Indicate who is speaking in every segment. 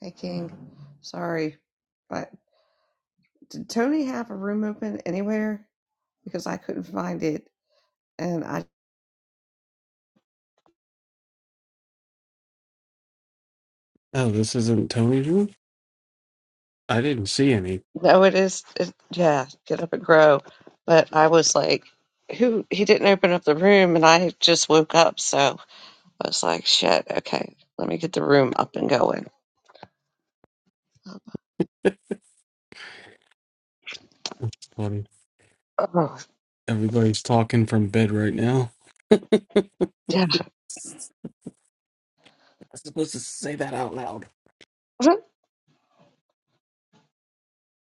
Speaker 1: Hey, King. Sorry, but did Tony have a room open anywhere? Because I couldn't find it, and I
Speaker 2: Oh, this isn't Tony's room? I didn't see any.
Speaker 1: know it is. It, yeah, get up and grow. But I was like, who? He didn't open up the room, and I had just woke up, so I was like, shit. Okay, let me get the room up and going.
Speaker 2: That's funny.
Speaker 1: Oh,
Speaker 2: Everybody's talking from bed right now.
Speaker 1: yeah.
Speaker 2: I was supposed to say that out loud.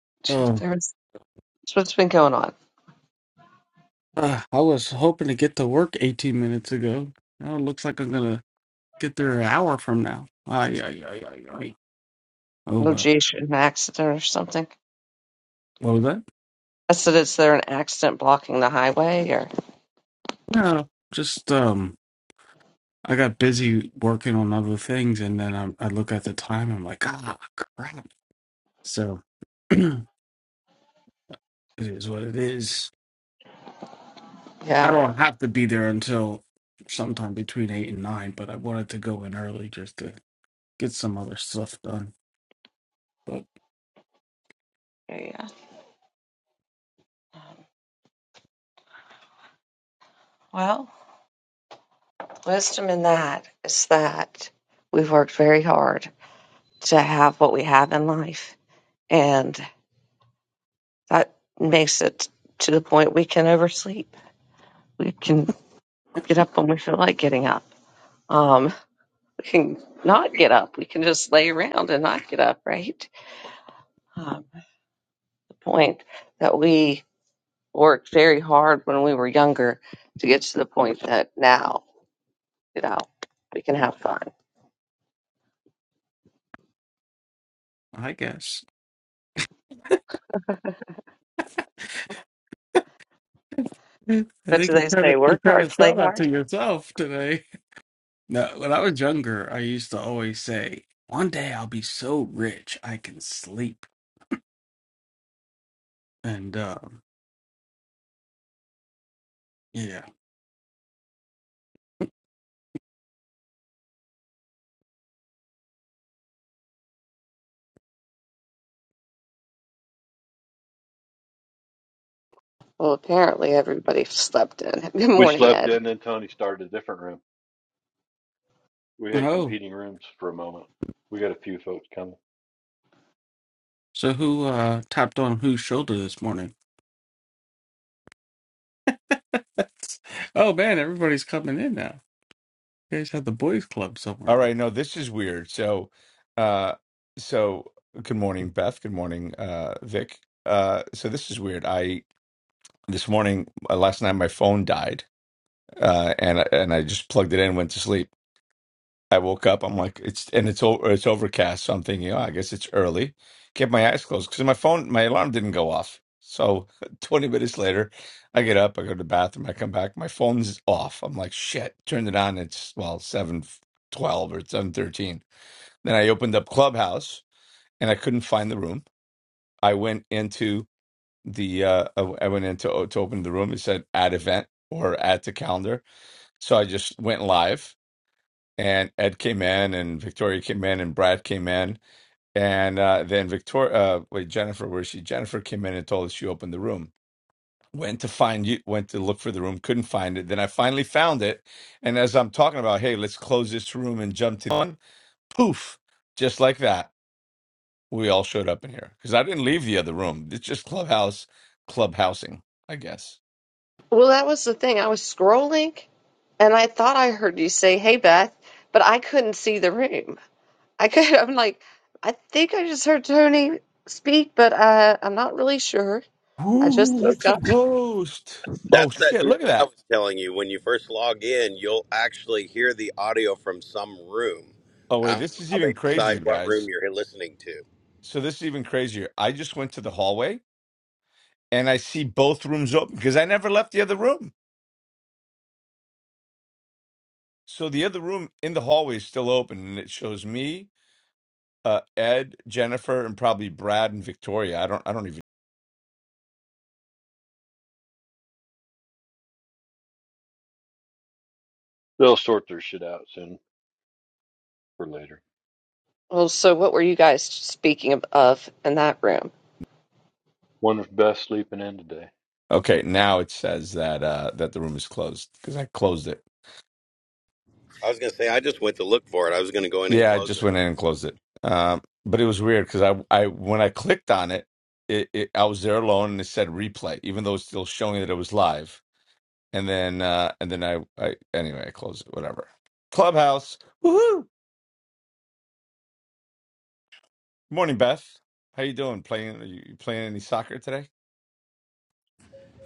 Speaker 2: Oh,
Speaker 1: There was what's been going on.
Speaker 2: ah, I was hoping to get to work 18 minutes ago. Now it looks like I'm gonna get there an hour from now. Ay, ay, ay, ay, ay. Oh,
Speaker 1: Oh,
Speaker 2: well.
Speaker 1: geez, an accident or something.
Speaker 2: What was that?
Speaker 1: I said, is there an accident blocking the highway? Or
Speaker 2: No, just, um, I got busy working on other things and then I, I look at the time. I'm like, ah, crap. So, it is what it is. I
Speaker 1: yeah,
Speaker 2: don't have to be there until sometime between eight and nine, but I wanted to go in early just to get some other stuff done. But
Speaker 1: yeah. yeah. Well, the wisdom in that is that we've worked very hard to have what we have in life, and that makes it to the point we can oversleep. We can get up when we feel like getting up. Um, we can not get up. We can just lay around and not get up, right? Um, the point that we worked very hard when we were younger to get to the point that now, you know, we can have fun.
Speaker 2: I guess I
Speaker 1: What
Speaker 2: think
Speaker 1: do
Speaker 2: you're
Speaker 1: they
Speaker 2: trying
Speaker 1: say?
Speaker 2: to you're
Speaker 1: Work
Speaker 2: trying
Speaker 1: hard,
Speaker 2: to
Speaker 1: play
Speaker 2: sell that
Speaker 1: hard.
Speaker 2: to yourself today. No, when I was younger, I used to always say, "One day I'll be so rich I can sleep." And um, yeah.
Speaker 1: Well, apparently everybody slept in. Good
Speaker 3: We
Speaker 1: morning,
Speaker 3: slept
Speaker 1: Ed.
Speaker 3: in, then Tony started a different room. We had
Speaker 2: Oh,
Speaker 3: competing rooms for a moment. We got a few folks coming.
Speaker 2: so who uh tapped on whose shoulder this morning? oh man, everybody's coming in now. You guys have the boys' club somewhere else.
Speaker 1: Well, that was the thing. I was scrolling and I thought I heard you say, Hey, Beth, but I couldn't see the room. I could, I'm like, I think I just heard Tony speak, but uh, I'm not really sure. I just woke up.
Speaker 4: That's that new thing I was telling you. When you first log in, you'll actually hear the audio from some room. I don't know how they decide what room you're listening to.
Speaker 3: They'll sort their shit out soon or later.
Speaker 1: Well, so what were you guys speaking of, of in that room?
Speaker 3: One of the best sleeping in today.
Speaker 4: I was going to say, I just went to look for it. I was going to go in and close it.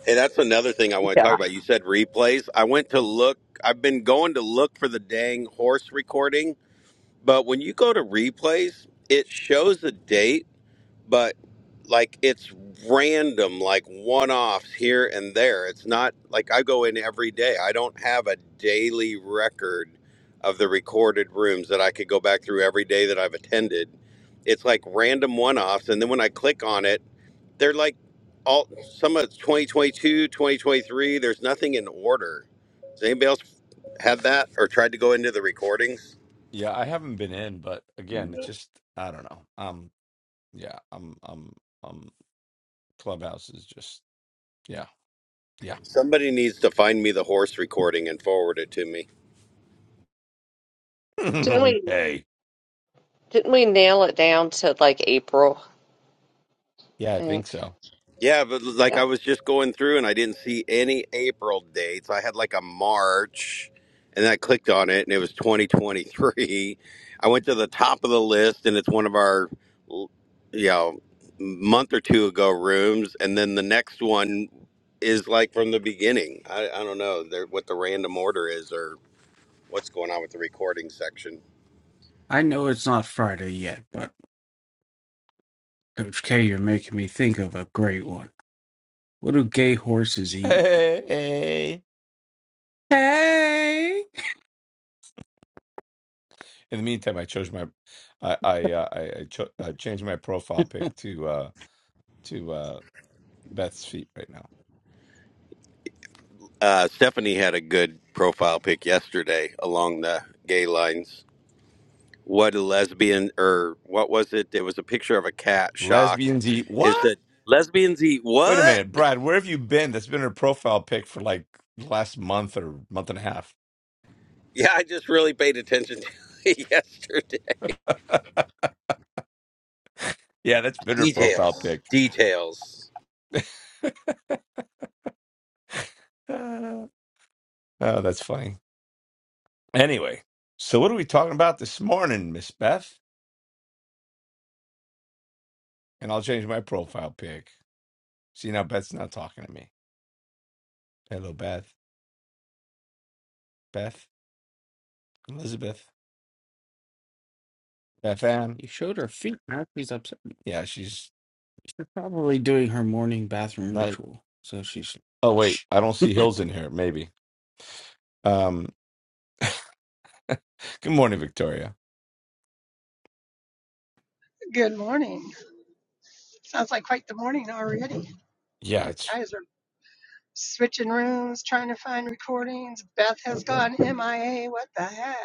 Speaker 4: Hey, that's another thing I want to
Speaker 1: Yeah,
Speaker 4: talk about. You said replays. I went to look, I've been going to look for the dang horse recording, but when you go to replays, it shows a date but like it's random, like one offs here and there. It's not like I go in every day. I don't have a daily record of the recorded rooms that I could go back through every day that I've attended. It's like random one offs. And then when I click on it, they're like all some of it's 2022, 2023. There's nothing in order. Does anybody else had that or tried to go into the recordings? Somebody needs to find me the horse recording and forward it to me.
Speaker 1: Didn't we, didn't we nail it down to like April? I think.
Speaker 4: Yeah, but like
Speaker 1: Yeah.
Speaker 4: I was just going through and I didn't see any April dates. I had like a March and I clicked on it and it was 2023. I went to the top of the list and it's one of our, you know, month or two ago rooms. And then the next one is like from the beginning. I, I don't know there- what the random order is or what's going on with the recording section.
Speaker 2: I know it's not Friday yet, but. Coach K, you're making me think of a great one. What do gay horses eat? Hey!
Speaker 4: Uh, Stephanie had a good profile pic yesterday along the gay lines. what a lesbian or what was it? It was a picture of a cat shocked. It said, "Lesbians eat what?" Yeah, I just really paid attention to it yesterday. Details, details.
Speaker 2: You showed her feet. Now she's upset. She's probably doing her morning bathroom ritual. So she's. Shh.
Speaker 5: Good morning. Sounds like quite the morning already. Guys are switching rooms, trying to find recordings. Beth has gone MIA. What the heck?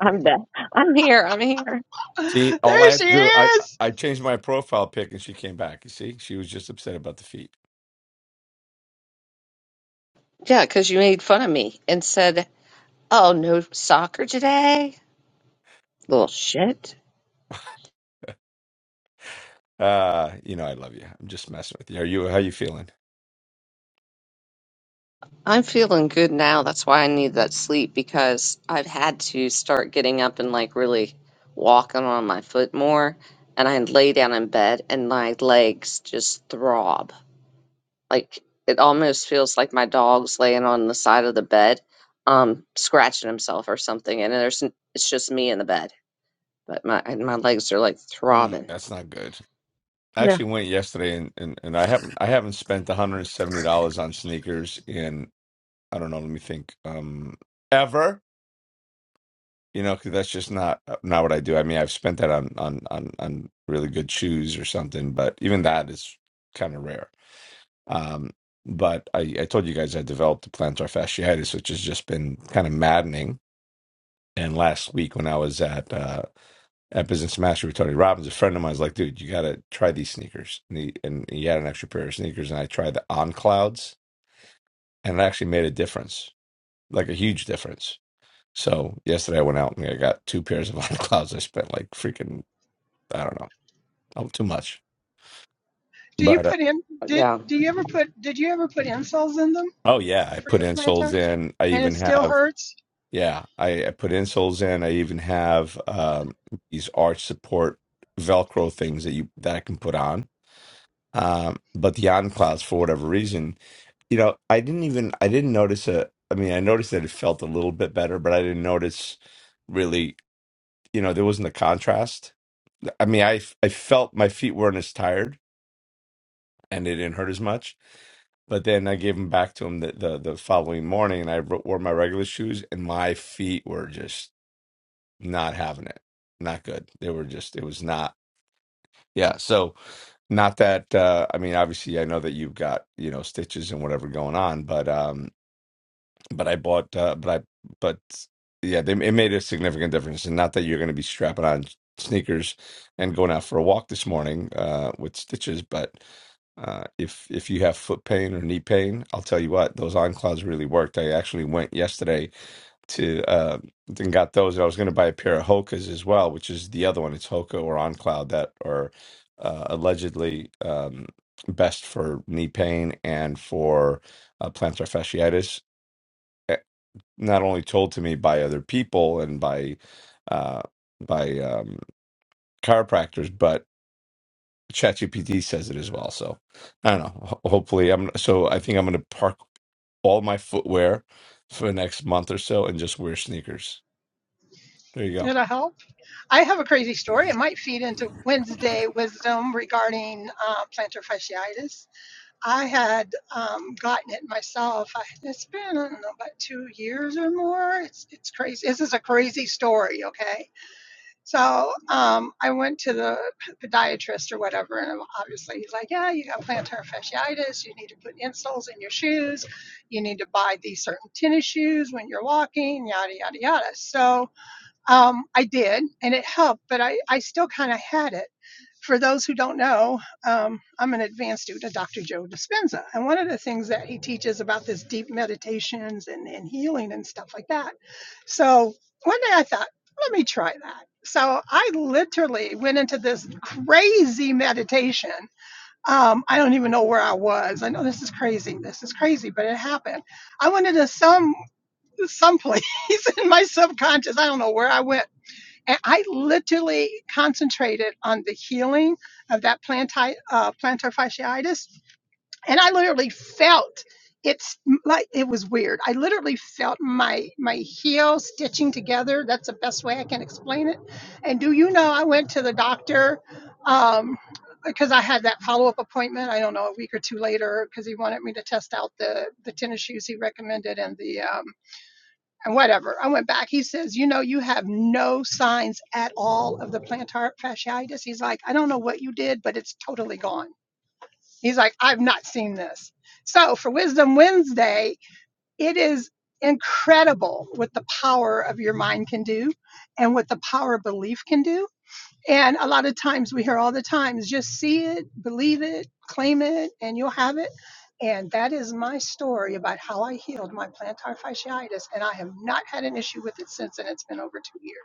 Speaker 1: I'm back. I'm here. I'm here.
Speaker 5: There she is.
Speaker 1: Yeah, because you made fun of me and said. Oh, no soccer today? Little shit. I'm feeling good now. That's why I need that sleep because I've had to start getting up and like really walking on my foot more. And I lay down in bed and my legs just throb. Like it almost feels like my dog's laying on the side of the bed, um, scratching himself or something. And there's it's just me in the bed, but my and my legs are like throbbing. Yeah.
Speaker 5: Do you put in? Did
Speaker 1: Yeah.
Speaker 5: do you ever put? Did you ever put insoles in them for your plantar? And it still hurts. It'll help. I have a crazy story. It might feed into Wednesday wisdom regarding uh, plantar fasciitis. I had um, gotten it myself. I, it's been I don't know about two years or more. It's it's crazy. This is a crazy story. Okay, so um, I went to the podiatrist or whatever, and obviously he's like, "Yeah, you got plantar fasciitis. You need to put insoles in your shoes. You need to buy these certain tennis shoes when you're walking. Yada yada yada." So um, I did, and it helped, but I, I still kind of had it. For those who don't know, um, I'm an advanced student of Dr. Joe Dispenza. And one of the things that he teaches about this deep meditations and, and healing and stuff like that. So one day I thought, let me try that. So I literally went into this crazy meditation. Um, I don't even know where I was. I know this is crazy. This is crazy, but it happened. I went into some some place in my subconscious. I don't know where I went and I literally concentrated on the healing of that planti- uh, plantar fasciitis. And I literally felt it's like it was weird. I literally felt my my heel stitching together. That's the best way I can explain it. And do you know I went to the doctor um, because I had that follow up appointment. I don't know a week or two later because he wanted me to test out the the tennis shoes he recommended and the um, and whatever. I went back. He says, You know, you have no signs at all of the plantar fasciitis. He's like, I don't know what you did, but it's totally gone. He's like, I've not seen this. So for Wisdom Wednesday, it is incredible what the power of your mind can do and what the power of belief can do and a lot of times we hear all the times, just see it, believe it, claim it, and you'll have it. And that is my story about how I healed my plantar fasciitis. And I have not had an issue with it since, and it's been over two years.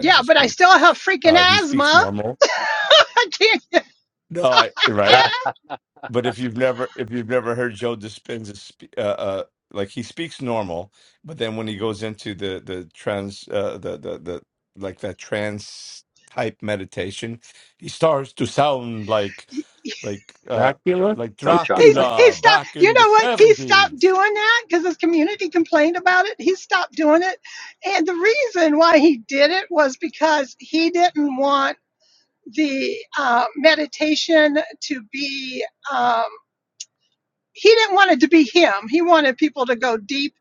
Speaker 5: Yeah, but I still have freaking asthma. I can't.
Speaker 3: Yeah.
Speaker 2: Dracula?
Speaker 3: no
Speaker 5: He's,
Speaker 3: chocolate.
Speaker 5: he stopped. You know what? He stopped doing that because his community complained about it. He stopped doing it. And the reason why he did it was because he didn't want the uh, meditation to be um, he didn't want it to be him he wanted people to go deep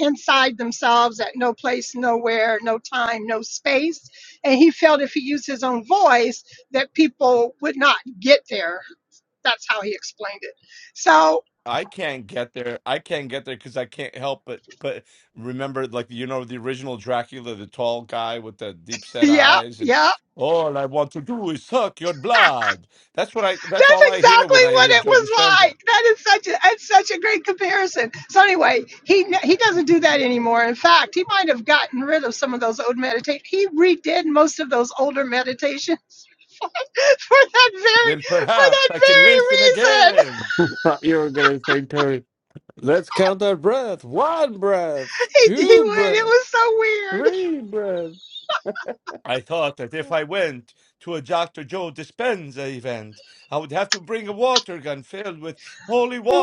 Speaker 5: inside themselves at no place nowhere no time no space and he felt if he used his own voice that people would not get there that's how he explained it so yeah yeah That's exactly what it was like. That is such a that's such a great comparison. So anyway, he he doesn't do that anymore. In fact, he might have gotten rid of some of those old meditations. He redid most of those older meditations for that very for that very reason.
Speaker 2: Thought you were going to say, Tony, let's count our breath. One breath,
Speaker 5: He, he
Speaker 2: two
Speaker 5: would. It
Speaker 2: breath,
Speaker 5: was so weird.
Speaker 2: three breath.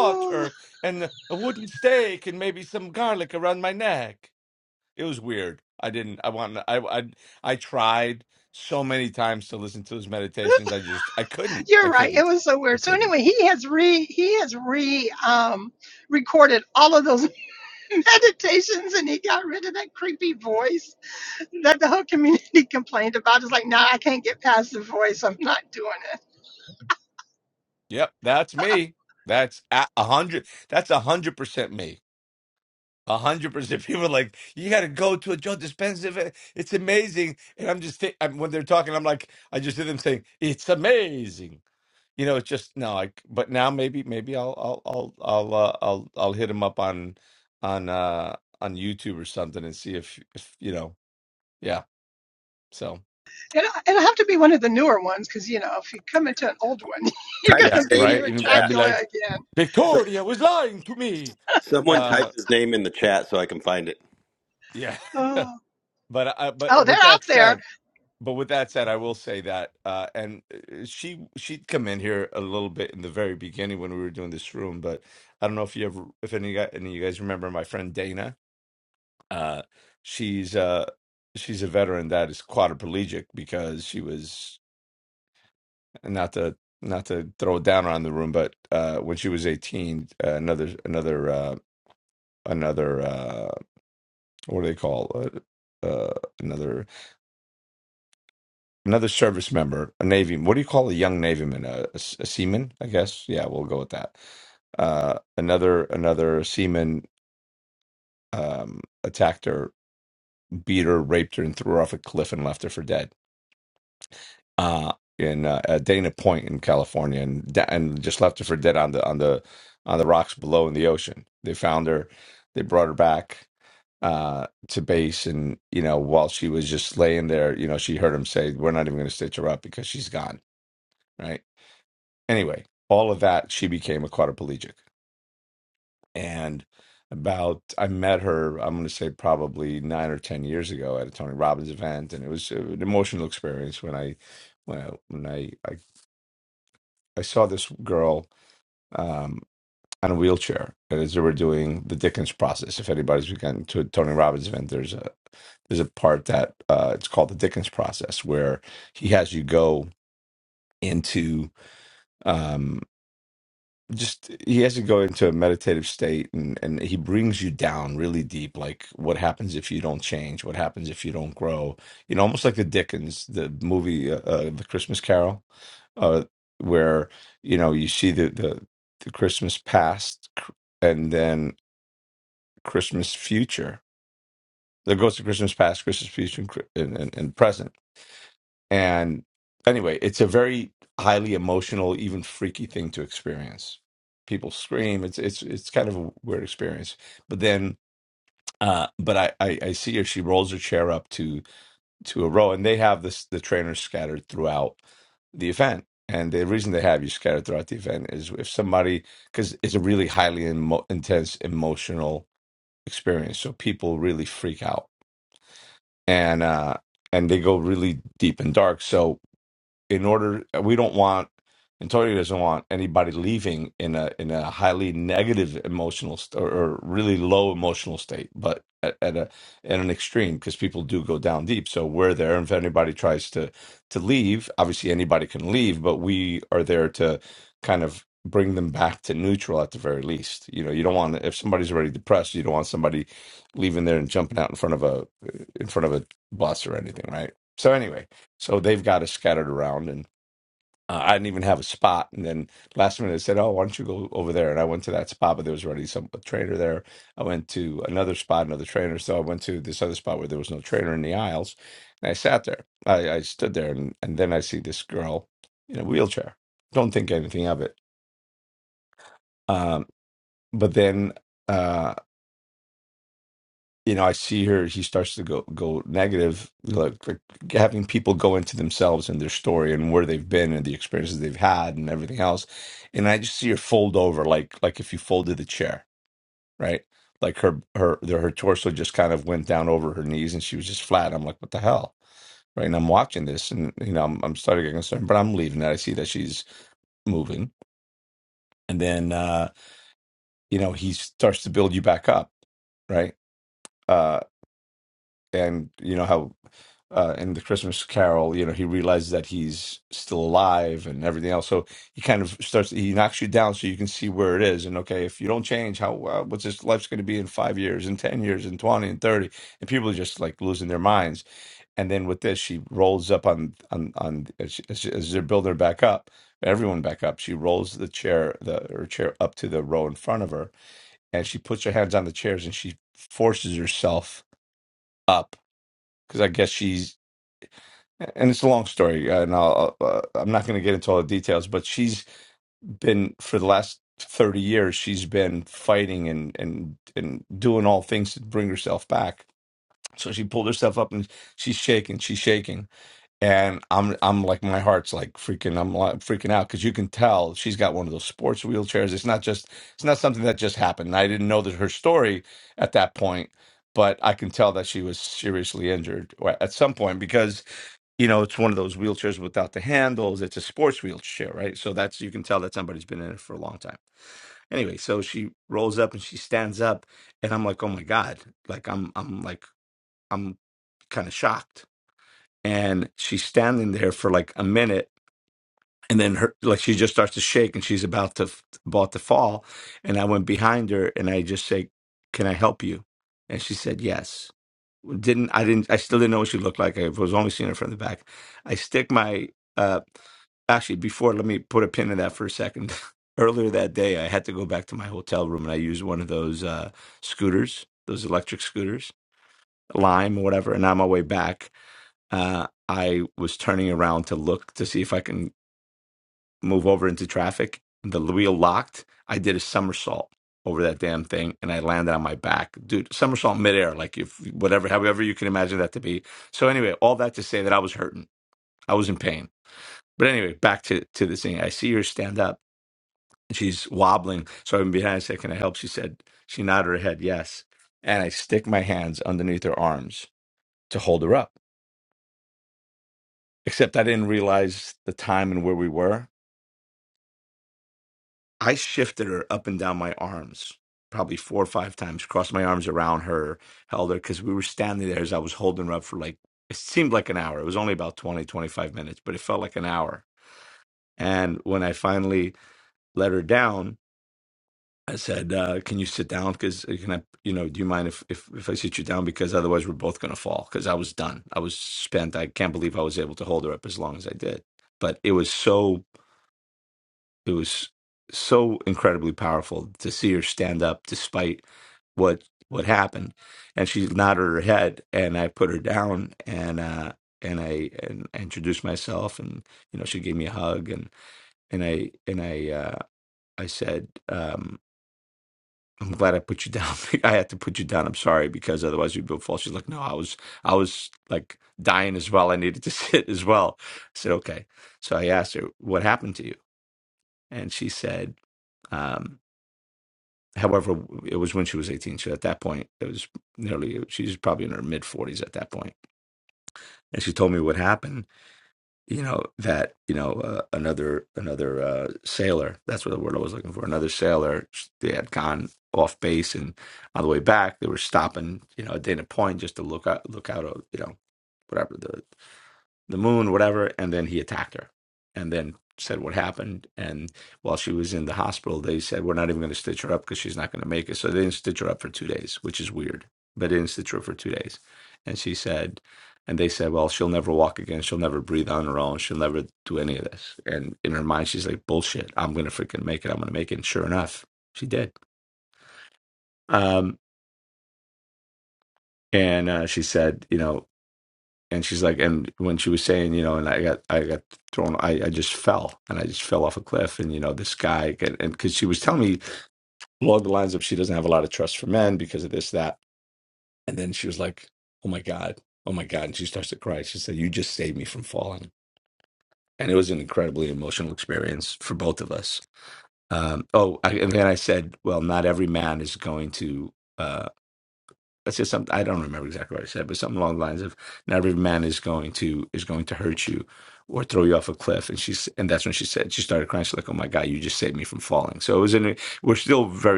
Speaker 5: Oh, you're right. It was so weird. So anyway, he has re he has re um recorded all of those meditations, and he got rid of that creepy voice that the whole community complained about. It's like, nah, I can't get past the voice. I'm not doing it. And I- it'll have to be one of the newer ones because, you know, if you come into an old one, you're
Speaker 4: Type
Speaker 5: going to
Speaker 4: his
Speaker 5: be
Speaker 4: name in
Speaker 5: hearing
Speaker 4: the chat.
Speaker 5: Dracula again.
Speaker 4: So, someone type his name in the chat so I can find it.
Speaker 5: Oh, oh they're out there.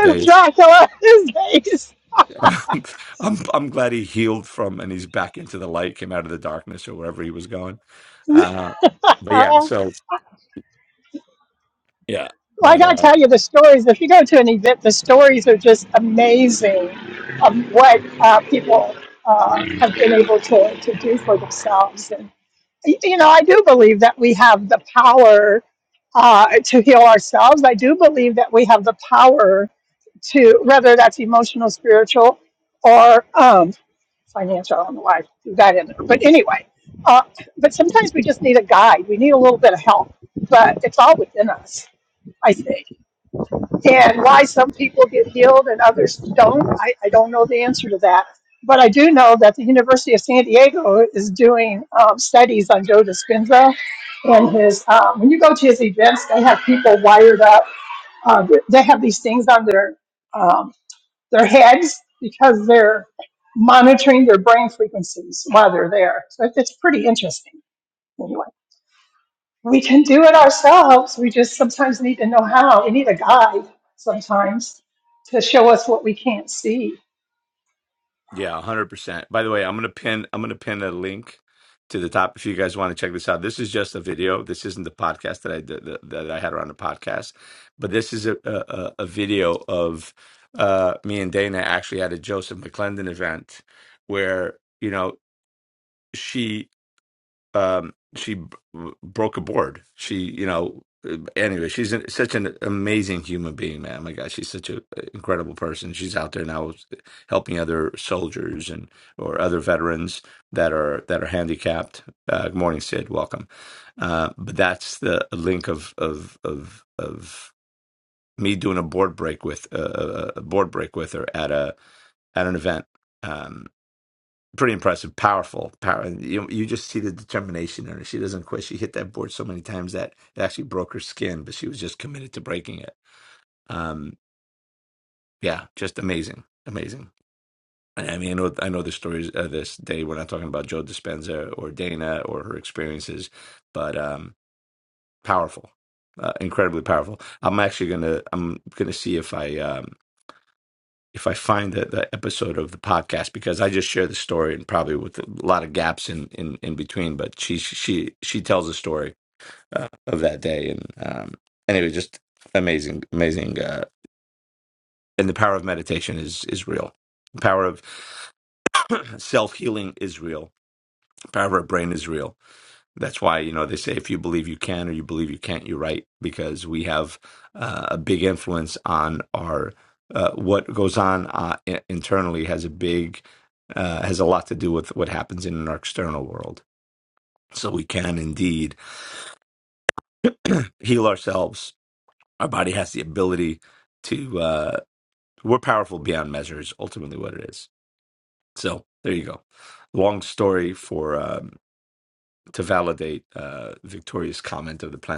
Speaker 5: It's Dracula these days. Well, I gotta tell you, the stories, if you go to an event, the stories are just amazing of what uh, people uh, have been able to, to do for themselves. And, y- you know, I do believe that we have the power uh, to heal ourselves. I do believe that we have the power to, whether that's emotional, spiritual, or um, financial. I don't know why I threw that in there. But anyway, uh, but sometimes we just need a guide. We need a little bit of help, but it's all within us. I think. And why some people get healed and others don't, I, I don't know the answer to that. But I do know that the University of San Diego is doing um, studies on Joe Dispenza and his. Um, when you go to his events, they have people wired up. Uh, they have these things on their um, their heads because they're monitoring their brain frequencies while they're there. So it's pretty interesting. Anyway. We can do it ourselves. We just sometimes need to know how. We need a guide sometimes to show us what we can't see.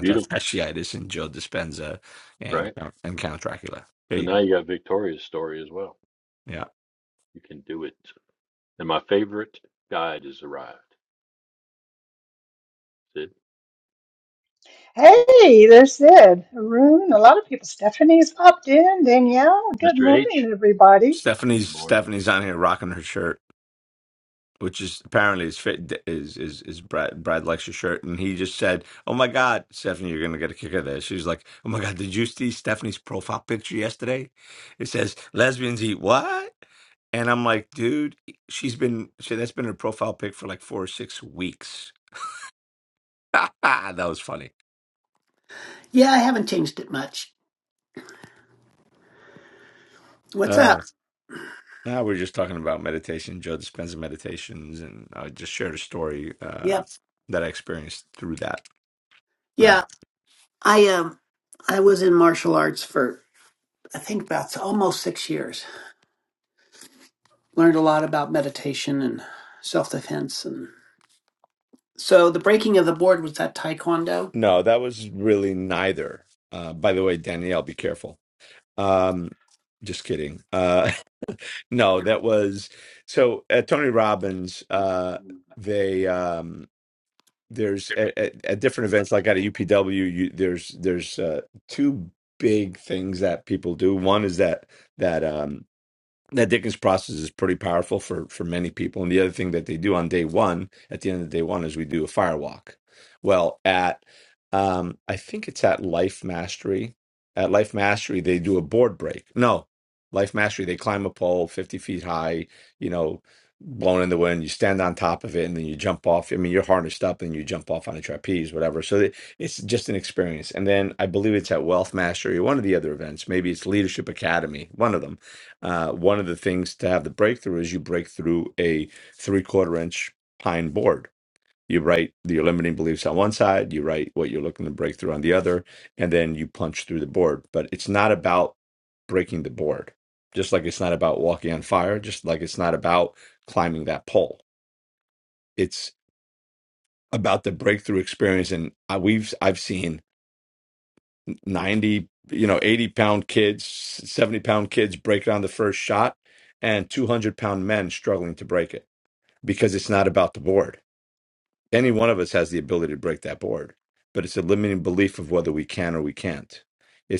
Speaker 3: Beautiful, right? So now you got Victoria's story as well. You can do it. And my favorite guide has arrived. Sid.
Speaker 5: Hey, there's Sid, Arun, a lot of people. Stephanie's popped in. Danielle, good
Speaker 3: Mr. H,
Speaker 5: morning, everybody.
Speaker 3: good morning.
Speaker 6: Yeah, I haven't changed it much. What's up? Yep. Yeah, I um I was in martial arts for I think about almost 6 years. Learned a lot about meditation and self-defense and so the breaking of the board was that taekwondo.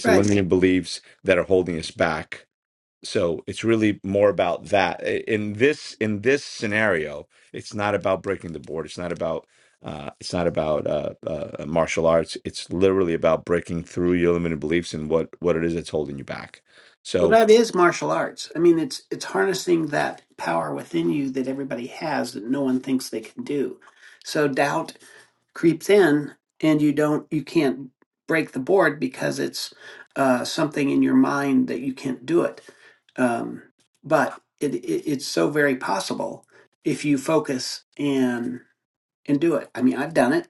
Speaker 6: Right. Well, that is martial arts. I mean, it's it's harnessing that power within you that everybody has that no one thinks they can do. So doubt creeps in and you don't you can't break the board because it's uh, something in your mind that you can't do it um, but it, it it's so very possible if you focus and and do it i mean i've done it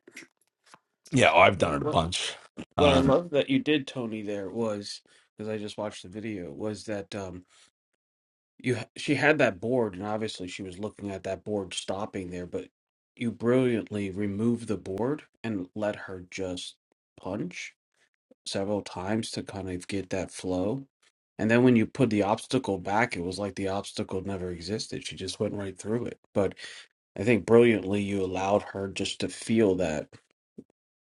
Speaker 2: What, what, what I love that you did, Tony, there was, because I just watched the video, was that. um you h- she had that board and obviously she was looking at that board stopping there but you brilliantly removed the board and let her just punch several times to kind of get that flow and then when you put the obstacle back it was like the obstacle never existed she just went right through it but i think brilliantly you allowed her just to feel that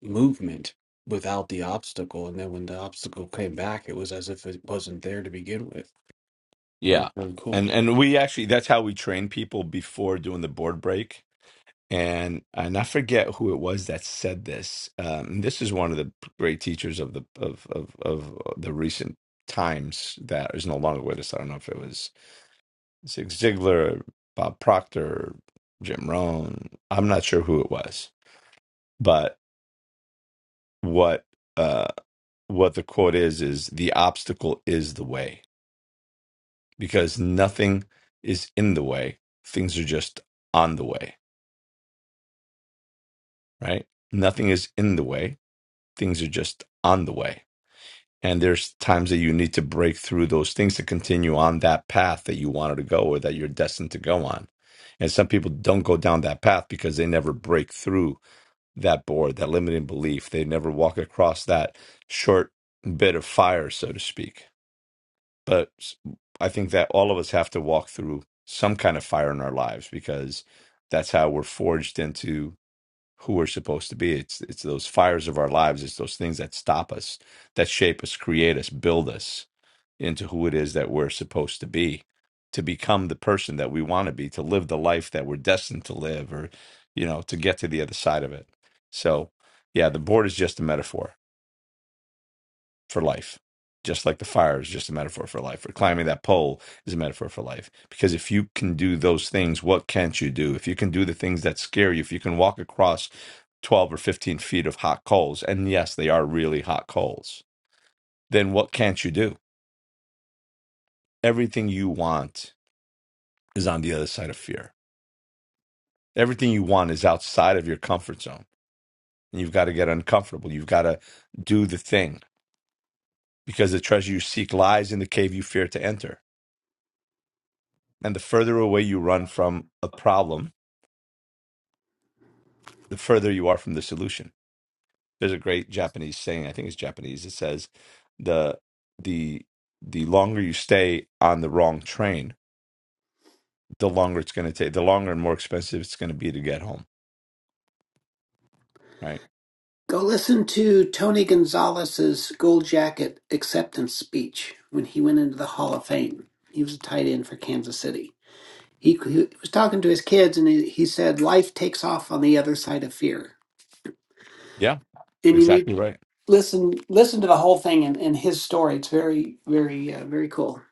Speaker 2: movement without the obstacle and then when the obstacle came back it was as if it wasn't there to begin with it was really cool
Speaker 6: go listen to tony gonzalez's gold jacket acceptance speech when he went into the hall of fame he was a tight end for kansas city he, he was talking to his kids and he, he said life takes off on the other side of fear and you need listen listen to the whole thing and, and his story. It's very very uh, very cool.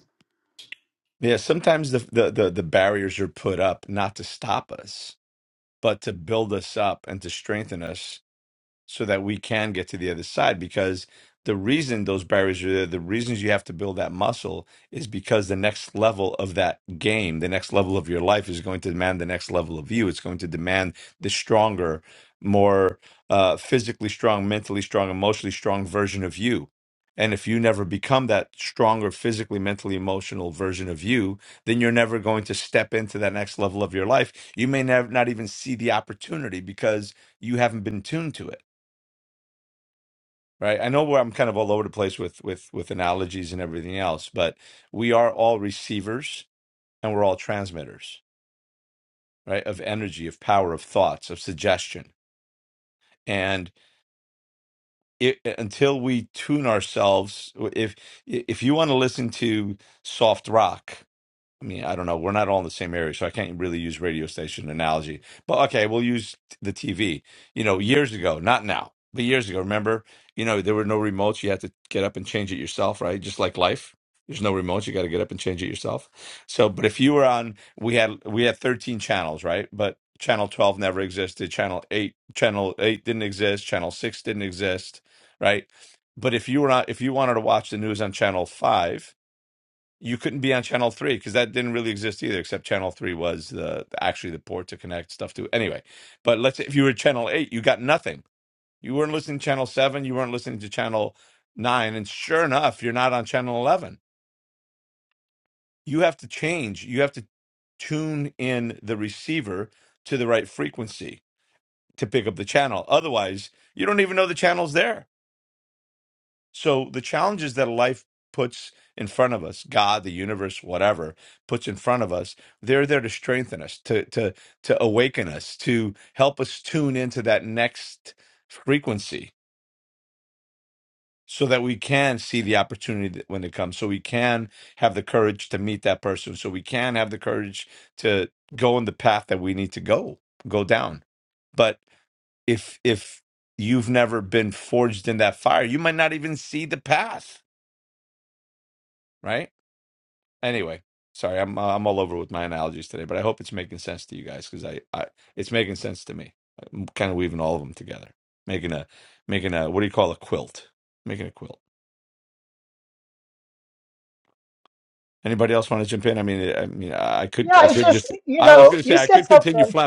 Speaker 5: Yeah, it just you know, you said something.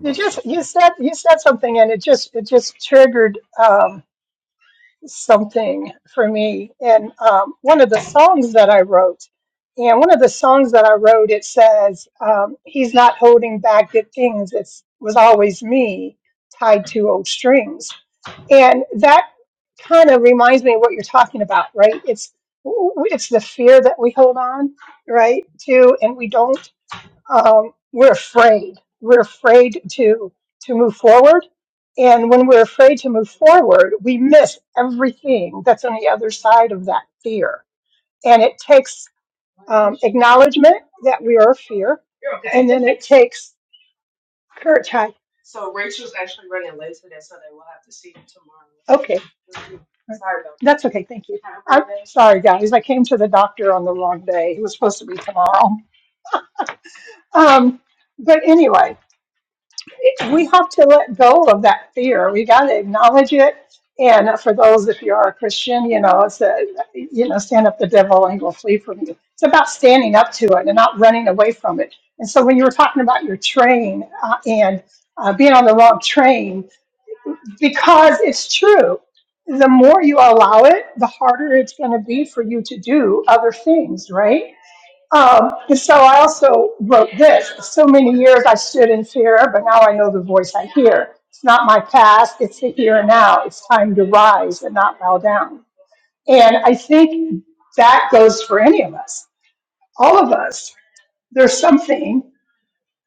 Speaker 5: You just you said you said something, and it just it just triggered. Um, something for me. And um, one of the songs that I wrote, and one of the songs that I wrote, it says, um, "He's not holding back good things. It's was always me tied to old strings." And that kind of reminds me of what you're talking about, right? It's it's the fear that we hold on, right, to, and we don't um, we're afraid. We're afraid to to move forward, and when we're afraid to move forward, we miss everything that's on the other side of that fear. And it takes um, acknowledgement that we are a fear, You're okay. and then it takes courage. Hi. So so Rachel's actually running late today, so they will have to see you tomorrow. Okay. Sorry about that. That's okay. Thank you. Have a great I'm day. sorry, guys. I came to the doctor on the wrong day. It was supposed to be tomorrow. Um, but anyway. we have to let go of that fear. We got to acknowledge it. And for those, if you are a Christian, you know, it's a, you know, stand up the devil and he will flee from you. It's about standing up to it and not running away from it. And so when you were talking about your train uh, and uh, being on the wrong train, because it's true, the more you allow it, the harder it's going to be for you to do other things, right? Um, and so I also wrote this. So many years I stood in fear, but now I know the voice I hear. It's not my past, it's the here and now. It's time to rise and not bow down. And I think that goes for any of us, all of us. There's something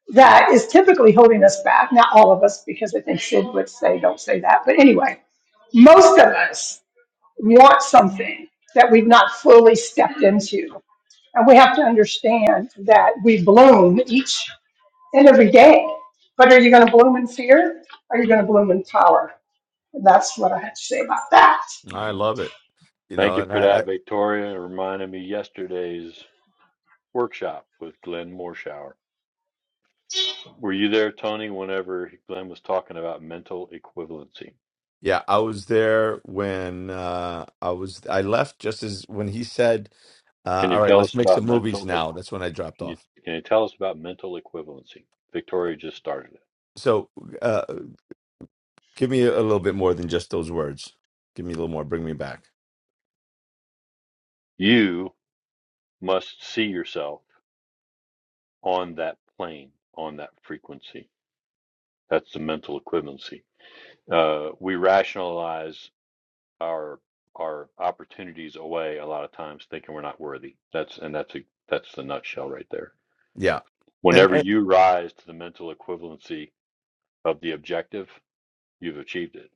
Speaker 5: that is typically holding us back. Not all of us, because I think Sid would say, don't say that. But anyway, most of us want something that we've not fully stepped into. And we have to understand that we bloom each and every day. But are you going to bloom in fear? Or are you going to bloom in power? And that's what I had to say about that.
Speaker 3: Thank you for that, Victoria. It reminded me yesterday's workshop with Glenn Morshower. Were you there, Tony, whenever Glenn was talking about mental equivalency? Can you tell us about mental equ- can you can you tell us about mental equivalency? Victoria just started it. You must see yourself on that plane, on that frequency. That's the mental equivalency. Uh, we rationalize our our opportunities away a lot of times, thinking we're not worthy. That's and that's a, that's the nutshell right there. Whenever you rise to the mental equivalency of the objective, you've achieved it.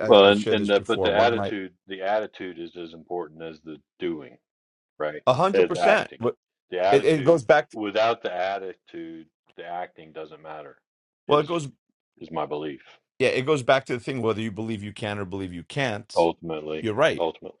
Speaker 3: Well, and and the, but the attitude, the attitude is as important as the doing, right? As acting. The attitude, without the attitude, the acting doesn't matter. Is is my belief ultimately? Ultimately.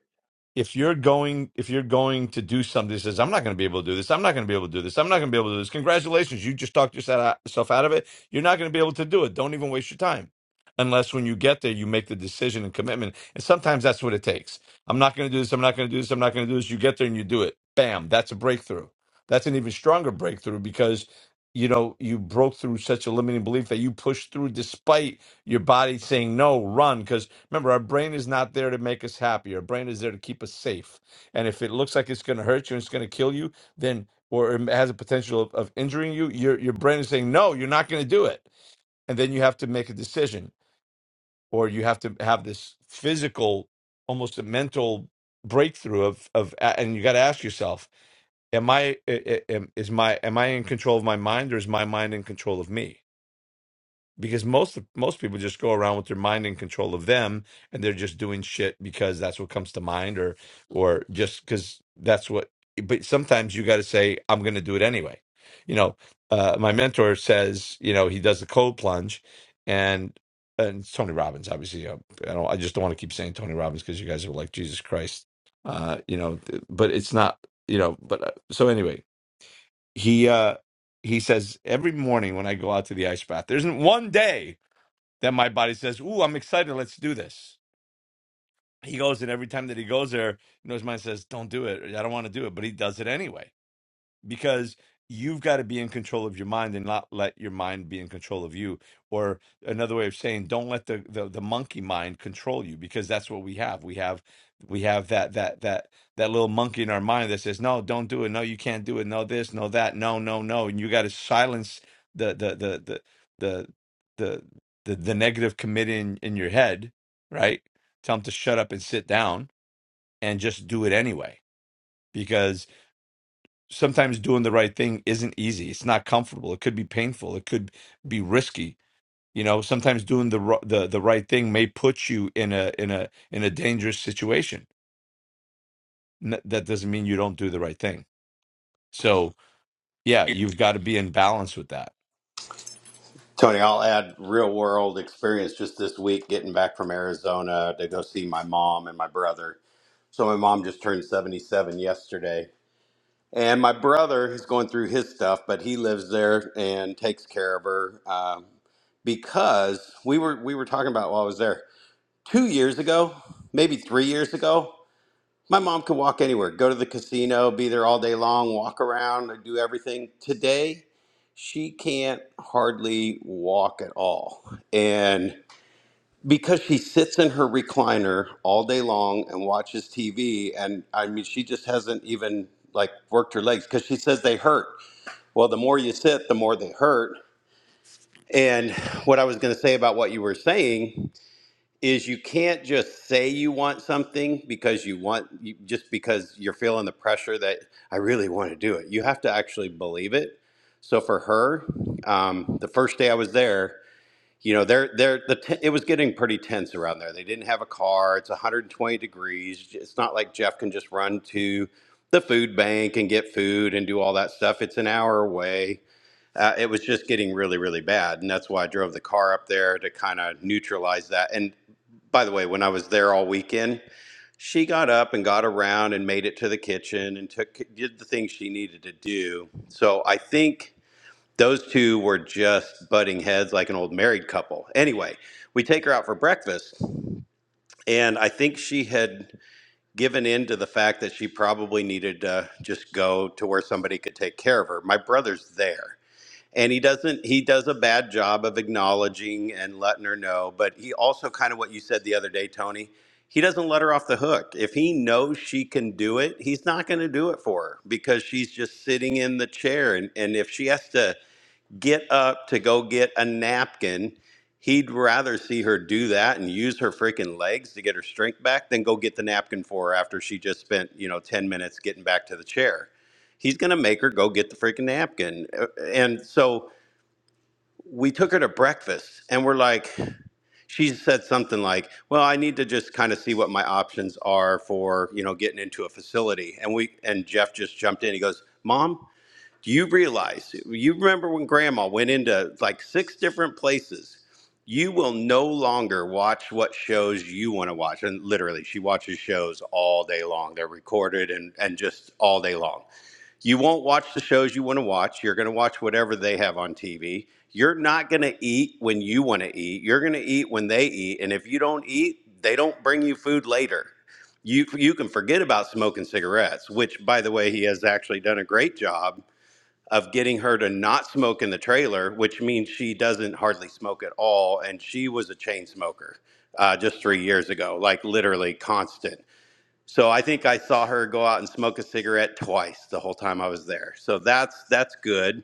Speaker 4: Tony, I'll add real world experience just this week getting back from Arizona to go see my mom and my brother. So my mom just turned 77 yesterday And my brother is going through his stuff, but he lives there and takes care of her um, because we were we were talking about while I was there two years ago, maybe three years ago. My mom could walk anywhere, go to the casino, be there all day long, walk around, do everything. Today, she can't hardly walk at all, and because she sits in her recliner all day long and watches TV. And I mean, she just hasn't even like worked her legs because she says they hurt. Well, the more you sit, the more they hurt. And what I was going to say about what you were saying is you can't just say you want something because you want, you, just because you're feeling the pressure that I really want to do it. You have to actually believe it. So for her, um, the first day I was there, you know they're they're the t- it was getting pretty tense around there they didn't have a car it's 120 degrees it's not like jeff can just run to the food bank and get food and do all that stuff it's an hour away uh, it was just getting really really bad and that's why i drove the car up there to kind of neutralize that and by the way when i was there all weekend she got up and got around and made it to the kitchen and took did the things she needed to do so i think those two were just butting heads like an old married couple. Anyway, we take her out for breakfast, and I think she had given in to the fact that she probably needed to just go to where somebody could take care of her. My brother's there. And he doesn't, he does a bad job of acknowledging and letting her know. But he also, kind of what you said the other day, Tony, he doesn't let her off the hook. If he knows she can do it, he's not going to do it for her because she's just sitting in the chair. And, and if she has to, get up to go get a napkin. He'd rather see her do that and use her freaking legs to get her strength back than go get the napkin for her after she just spent, you know, 10 minutes getting back to the chair. He's going to make her go get the freaking napkin. Uh, And so we took her to breakfast and we're like, she said something like, well, I need to just kind of see what my options are for, you know, getting into a facility. And we, and Jeff just jumped in. He goes, Mom, do you realize, you remember when grandma went into like six different places? You will no longer watch what shows you want to watch. And literally, she watches shows all day long. They're recorded and, and just all day long. You won't watch the shows you want to watch. You're going to watch whatever they have on TV. You're not going to eat when you want to eat. You're going to eat when they eat. And if you don't eat, they don't bring you food later you you can forget about smoking cigarettes, which by the way he has actually done a great job of getting her to not smoke in the trailer, which means she doesn't hardly smoke at all. And she was a chain smoker uh, just three years ago, like literally constant. So I think I saw her go out and smoke a cigarette twice the whole time I was there. So that's that's good.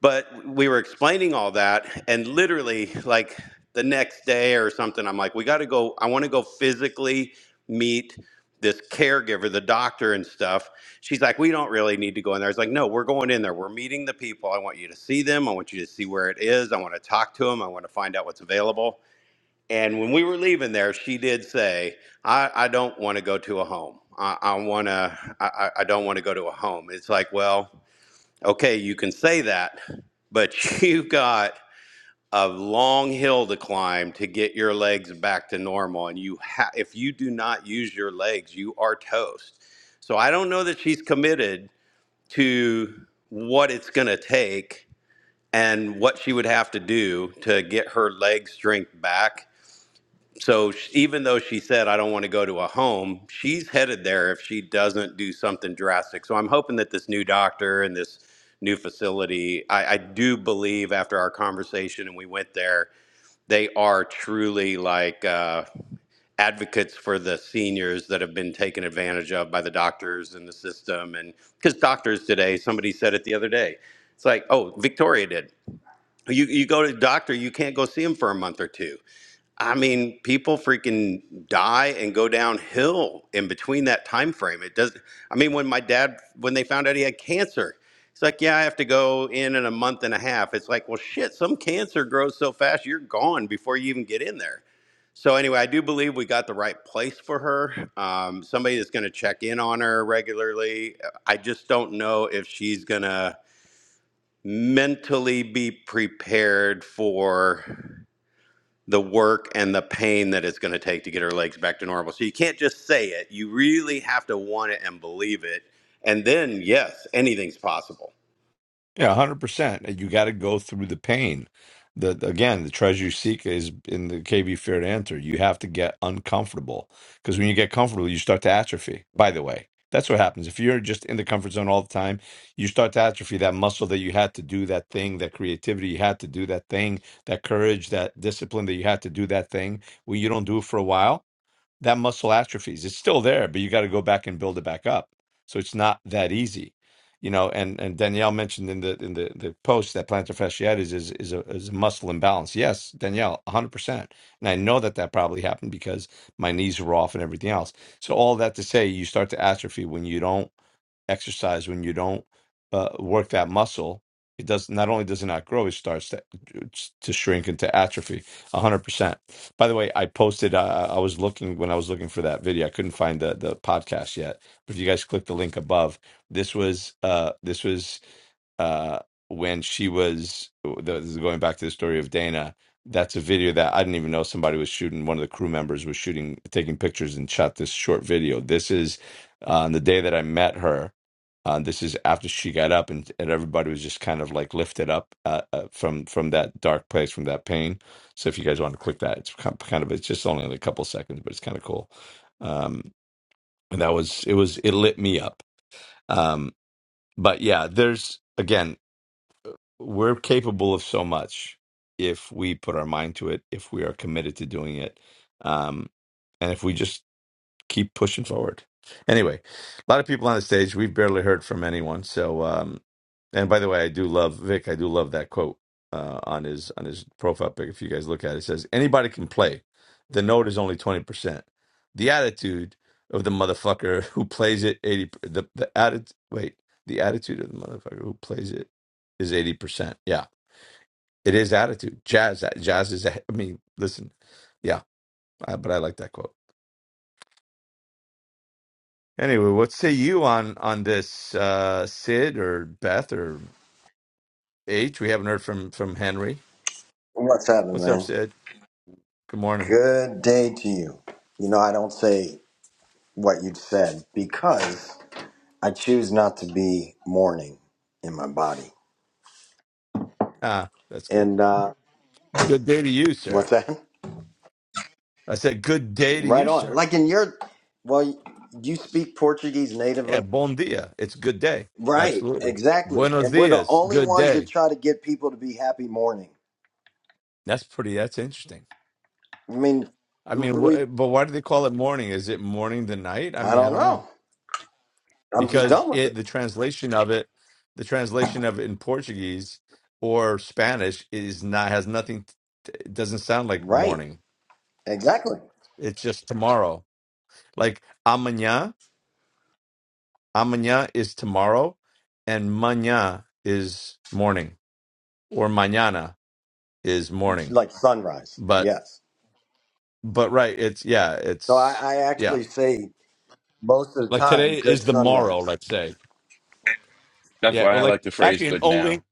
Speaker 4: But we were explaining all that, and literally, like the next day or something, I'm like, we got to go. I want to go physically meet this caregiver, the doctor, and stuff. She's like, we don't really need to go in there. I was like, no, we're going in there. We're meeting the people. I want you to see them. I want you to see where it is. I want to talk to them. I want to find out what's available. And when we were leaving there, she did say, I, I don't want to go to a home. I, I want to, I, I I don't want to go to a home. It's like, well, Okay, you can say that, but you've got a long hill to climb to get your legs back to normal. And you ha- if you do not use your legs, you are toast. So I don't know that she's committed to what it's going to take and what she would have to do to get her leg strength back so sh- even though she said, I don't want to go to a home, she's headed there if she doesn't do something drastic. So I'm hoping that this new doctor and this new facility, I, I do believe after our conversation and we went there, they are truly like uh, advocates for the seniors that have been taken advantage of by the doctors and the system. And because doctors today, somebody said it the other day, it's like, oh, Victoria did. You, you go to the doctor, you can't go see him for a month or two I mean, people freaking die and go downhill in between that time frame. It does. I mean, when my dad, when they found out he had cancer, it's like, yeah, I have to go in in a month and a half. It's like, well, shit, some cancer grows so fast, you're gone before you even get in there. So anyway, I do believe we got the right place for her. Um, somebody that's going to check in on her regularly. I just don't know if she's going to mentally be prepared for the work and the pain that it's going to take to get her legs back to normal. So you can't just say it. You really have to want it and believe it. And then, yes, anything's possible.
Speaker 7: What's happening, man? Good day to you. You know, I don't say what you said because I choose not to be mourning in my body. And uh, what's that? Right on. Like in your, well, you speak Portuguese natively. Right, exactly. And we're the only ones that try to get people to be happy mourning. I mean, we, I don't know. I'm just done with it. Right, exactly. Like sunrise, yes. So I, I actually say Most of the time, good sunrise.
Speaker 8: That's why I like the phrase "good now."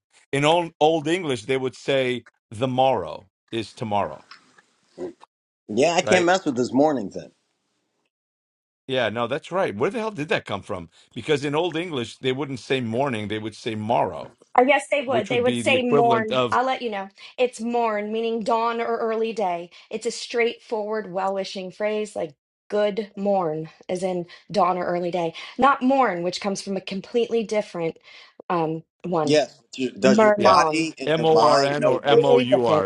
Speaker 7: Yeah, I can't mess with this morning thing.
Speaker 9: Uh, yes, they would. They would say morn. I'll let you know. It's morn, meaning dawn or early day. It's a straightforward, well wishing phrase like good morn, as in dawn or early day. Not morn, which comes from a completely different um, one.
Speaker 7: Yes. do- Does your
Speaker 9: Murnon.
Speaker 7: body and your
Speaker 9: Right.
Speaker 7: mind
Speaker 9: It's
Speaker 7: know different?
Speaker 9: totally different.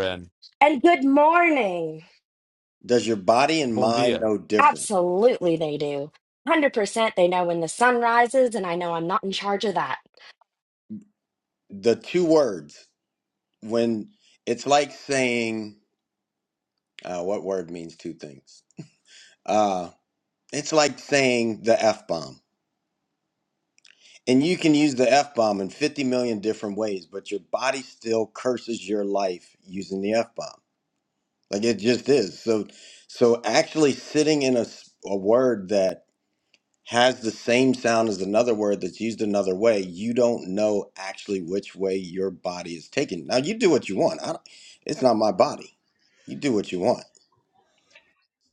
Speaker 9: And good morning.
Speaker 7: Does your body and mind know different?
Speaker 9: Absolutely, they do. 100% they know when the sun rises, and I know I'm not in charge of that.
Speaker 7: The two words, when it's like saying, uh, what word means two things? Uh, it's like saying the F bomb. And you can use the F bomb in 50 million different ways, but your body still curses your life using the F bomb. Like it just is. So, so actually sitting in a, s- a word that has the same sound as another word that's used another way, you don't know actually which way your body is taken. Now you do what you want. I don't, it's not my body. You do what you want.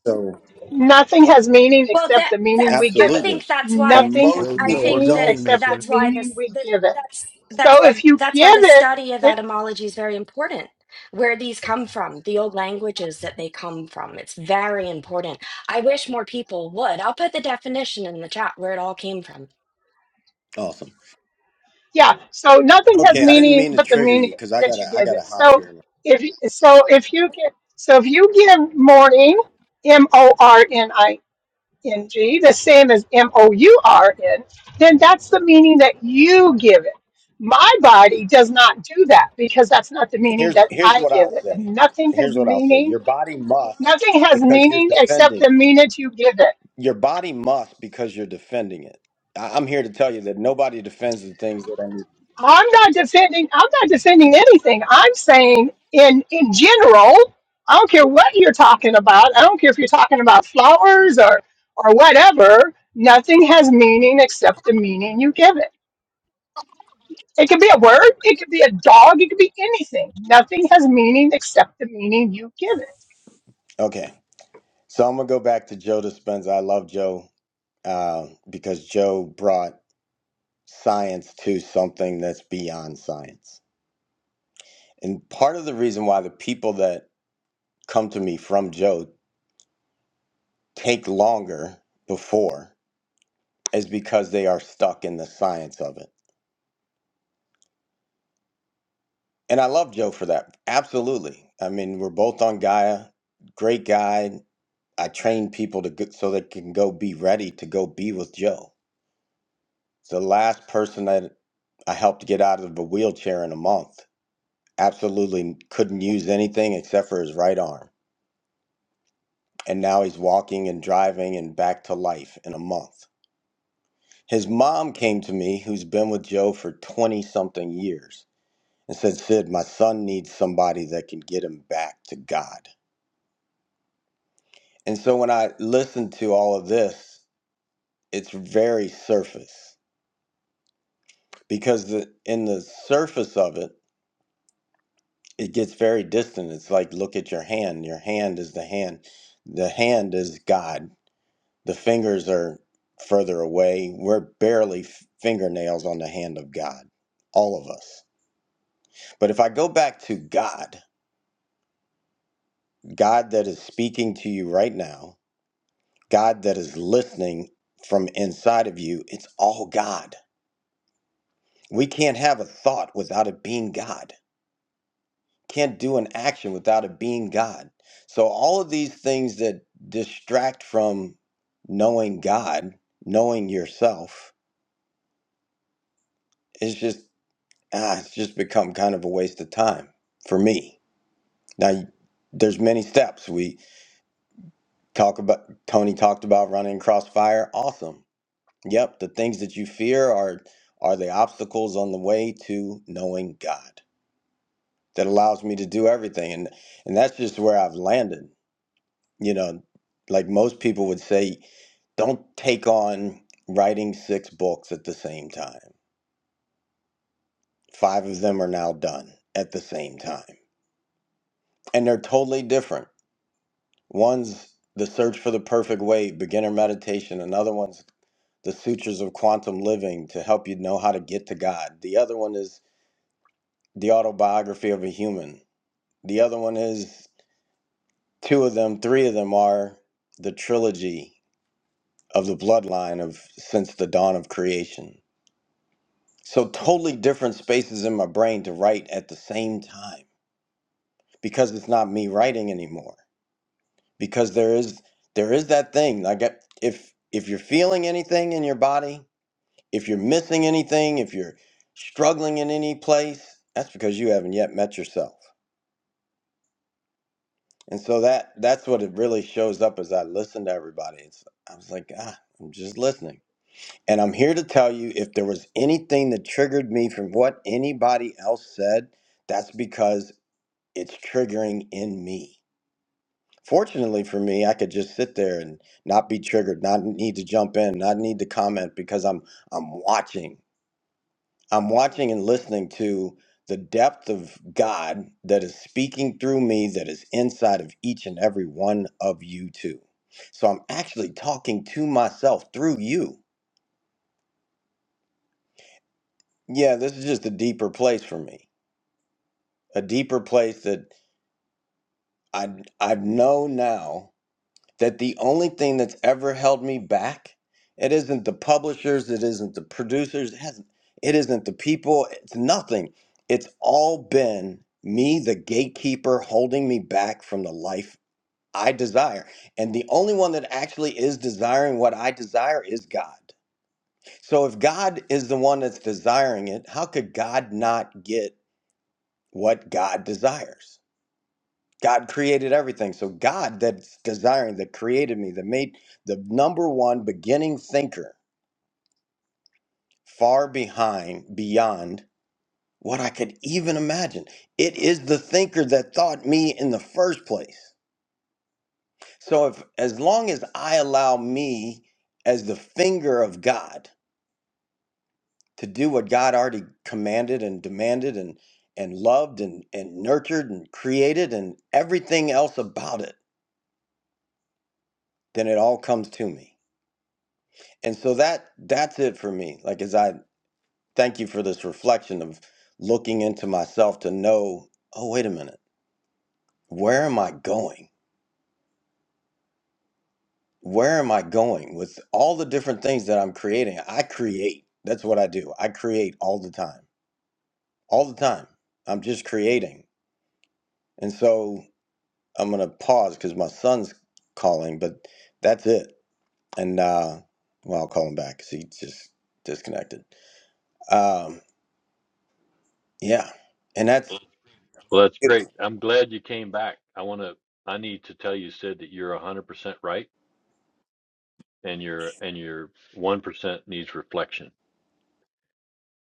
Speaker 7: So
Speaker 5: Nothing has meaning
Speaker 9: Well,
Speaker 5: except
Speaker 9: that
Speaker 5: the meaning
Speaker 9: that's
Speaker 5: we
Speaker 9: I
Speaker 5: give it.
Speaker 7: absolutely.
Speaker 9: think that's why
Speaker 7: And
Speaker 5: Nothing has
Speaker 7: most
Speaker 9: I
Speaker 7: people
Speaker 9: think
Speaker 5: meaning
Speaker 9: that
Speaker 7: don't.
Speaker 5: except the
Speaker 9: that's why
Speaker 5: meaning
Speaker 9: this
Speaker 5: we
Speaker 9: that,
Speaker 5: give it.
Speaker 9: that's that's
Speaker 5: So
Speaker 9: why
Speaker 5: if you
Speaker 9: that's why
Speaker 5: give
Speaker 9: the
Speaker 5: it,
Speaker 9: study of
Speaker 5: it
Speaker 9: etymology is very important. Where these come from, the old languages that they come from. It's very important. I wish more people would. I'll put the definition in the chat where it all came from.
Speaker 7: Awesome.
Speaker 5: yeah. So nothing has
Speaker 7: Okay, I didn't
Speaker 5: meaning
Speaker 7: mean to
Speaker 5: but the
Speaker 7: trigger you
Speaker 5: meaning
Speaker 7: because I
Speaker 5: that
Speaker 7: gotta
Speaker 5: you
Speaker 7: I
Speaker 5: give
Speaker 7: gotta
Speaker 5: it.
Speaker 7: hop
Speaker 5: So
Speaker 7: here.
Speaker 5: if so, if you get so if you give morning, M O R N I N G N G, the same as M O U R N, then that's the meaning that you give it. My body does not do that because that's not the meaning
Speaker 7: Here's
Speaker 5: that
Speaker 7: here's
Speaker 5: I
Speaker 7: what I'll
Speaker 5: give it.
Speaker 7: say.
Speaker 5: And nothing has
Speaker 7: Here's what I'll say.
Speaker 5: meaning.
Speaker 7: Your body must
Speaker 5: Nothing has
Speaker 7: because you're
Speaker 5: meaning except
Speaker 7: defending
Speaker 5: the
Speaker 7: it.
Speaker 5: meaning you give it.
Speaker 7: Your body must because you're defending it. I, I'm here to tell you that nobody defends the things that I need.
Speaker 5: I'm not defending, I'm not defending anything. I'm saying in in general, I don't care what you're talking about. I don't care if you're talking about flowers or or whatever. Nothing has meaning except the meaning you give it. It could be a word, it could be a dog, it could be anything. Nothing has meaning except the meaning you give it.
Speaker 7: Okay. So I'm gonna go back to Joe Dispenza. I love Joe uh, because Joe brought science to something that's beyond science. And part of the reason why the people that come to me from Joe take longer before is because they are stuck in the science of it. And I love Joe for that. Absolutely. I mean, we're both on Gaia. Great guy. I train people to go, so they can go be ready to go be with Joe The last person that I helped get out of a wheelchair in a month absolutely couldn't use anything except for his right arm. And now he's walking and driving and back to life in a month. His mom came to me, who's been with Joe for 20 something years, and said, Sid, my son needs somebody that can get him back to God. And so when I listen to all of this, it's very surface because the, in the surface of it, it gets very distant. It's like look at your hand. Your hand is the hand. The hand is God. The fingers are further away. We're barely f- fingernails on the hand of God. All of us. But if I go back to God, God that is speaking to you right now, God that is listening from inside of you, it's all God. We can't have a thought without it being God. can't do an action without it being God. So all of these things that distract from knowing God, knowing yourself, it's just ah, it's just become kind of a waste of time for me. Now there's many steps we talk about. Tony talked about running across fire. Awesome. Yep, the things that you fear are are the obstacles on the way to knowing God that allows me to do everything, and and that's just where I've landed. you know, like most people would say, don't take on writing six books at the same time. Five of them are now done at the same time, and they're totally different. One's The Search for the Perfect Way, Beginner Meditation, another one's The Sutures of Quantum Living to help you know how to get to God. The other one is The Autobiography of a Human. The other one is two of them, three of them are the trilogy of the bloodline of Since the Dawn of Creation So totally different spaces in my brain to write at the same time because it's not me writing anymore. Because there is there is that thing like I- if if you're feeling anything in your body, if you're missing anything, if you're struggling in any place, that's because you haven't yet met yourself. And so that that's what it really shows up as I listen to everybody. It's I was like, ah, I'm just listening. And I'm here to tell you if there was anything that triggered me from what anybody else said, that's because it's triggering in me. Fortunately for me, I could just sit there and not be triggered, not need to jump in, not need to comment because I'm I'm watching. I'm watching and listening to the depth of God that is speaking through me that is inside of each and every one of you too. So I'm actually talking to myself through you. Yeah, this is just a deeper place for me. A deeper place that I I know now that the only thing that's ever held me back it isn't the publishers it isn't the producers it, hasn't, it isn't the people it's nothing it's all been me the gatekeeper holding me back from the life i desire and the only one that actually is desiring what i desire is god so if god is the one that's desiring it how could god not get what god desires God created everything. So God that's desiring, that created me, that made the number one beginning thinker far behind, beyond what I could even imagine. It is the thinker that thought me in the first place. So if as long as I allow me as the finger of God to do what God already commanded and demanded and and loved and, and nurtured and created and everything else about it, then it all comes to me And so that that's it for me. Like as I thank you for this reflection of looking into myself to know, oh wait a minute, where am I going? Where am I going with all the different things that I'm creating? I create. That's what I do. I create all the time. All the time. I'm just creating. And so I'm going to pause cuz my son's calling, but that's it. And uh well, I'll call him back cuz he just disconnected. Um yeah. And that's
Speaker 3: Well, that's
Speaker 7: it.
Speaker 3: great. I'm glad you came back. I want to. I need to tell you, Sid, that you're 100% right, and your and your 1% needs reflection.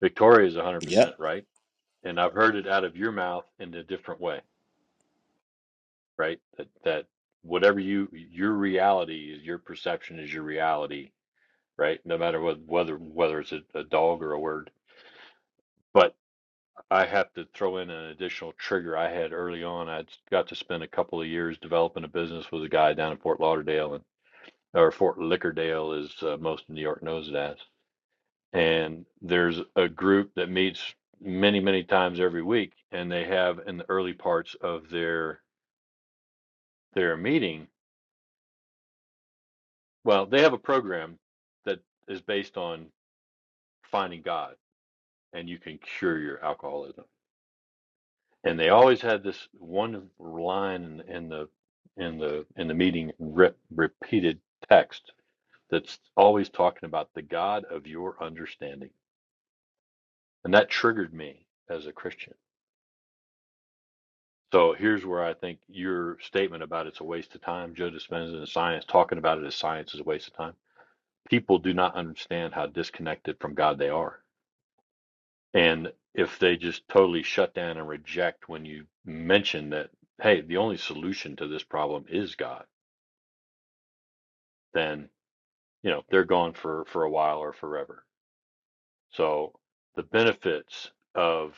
Speaker 3: Victoria is 100%
Speaker 7: Yep.
Speaker 3: right, and I've heard it out of your mouth in a different way. right? That that whatever you your reality is your perception is your reality, right? No matter what whether whether it's a, a dog or a word. But I have to throw in an additional trigger I had early on. I got to spend a couple of years developing a business with a guy down in Fort Lauderdale and or Fort Lickerdale, as uh, most of New York knows it as. And there's a group that meets many many times every week, and they have in the early parts of their their meeting Well, they have a program that is based on finding God and you can cure your alcoholism. And they always had this one line in the in the in the meeting re- repeated text that's always talking about the God of your understanding. And that triggered me as a Christian. So here's where I think your statement about it's a waste of time, Joe Dispenza and science talking about it as science is a waste of time. People do not understand how disconnected from God they are And if they just totally shut down and reject when you mention that, hey, the only solution to this problem is God, then, you know, they're gone for, for a while or forever. So the benefits of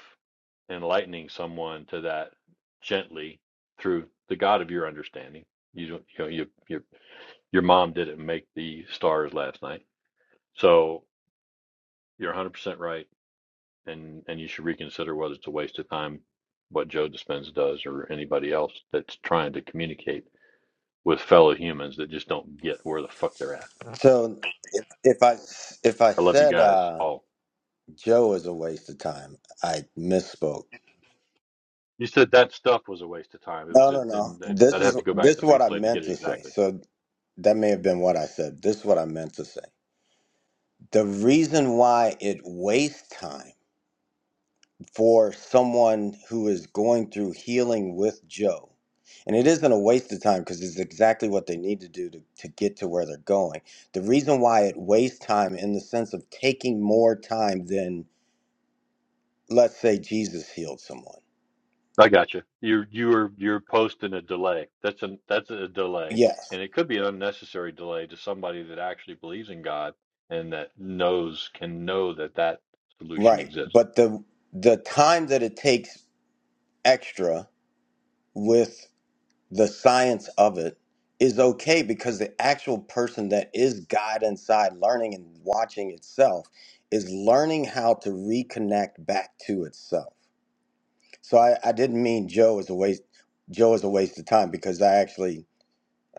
Speaker 3: enlightening someone to that gently through the God of your understanding. You don't, you know, you, you, your mom didn't make the stars last night. So you're 100% right and and you should reconsider whether it's a waste of time what Joe Dispenza does or anybody else that's trying to communicate with fellow humans that just don't get where the fuck they're at.
Speaker 7: So if, if I if I
Speaker 3: I love you
Speaker 7: said
Speaker 3: guys
Speaker 7: uh,
Speaker 3: all.
Speaker 7: Joe is a waste of time, I misspoke.
Speaker 3: You said that stuff was a waste of time. It was,
Speaker 7: No,
Speaker 3: a,
Speaker 7: no, no.
Speaker 3: and I'd
Speaker 7: This
Speaker 3: have
Speaker 7: is
Speaker 3: to go back
Speaker 7: this
Speaker 3: to
Speaker 7: is
Speaker 3: the
Speaker 7: what I
Speaker 3: replay to get
Speaker 7: meant
Speaker 3: it
Speaker 7: to say.
Speaker 3: exactly.
Speaker 7: So that may have been what I said. This is what I meant to say. The reason why it wastes time for someone who is going through healing with Joe, and it isn't a waste of time because it's exactly what they need to do to, to get to where they're going. The reason why it wastes time in the sense of taking more time than let's say Jesus healed someone.
Speaker 3: I got you. You're you're you're posting a delay. That's a that's a delay,
Speaker 7: Yes,
Speaker 3: and it could be an unnecessary delay to somebody that actually believes in God and that knows can know that that solution
Speaker 7: right.
Speaker 3: exists.
Speaker 7: But the the time that it takes extra with the science of it is okay because the actual person that is God inside learning and watching itself is learning how to reconnect back to itself. So I, I didn't mean Joe is a waste Joe is a waste of time because I actually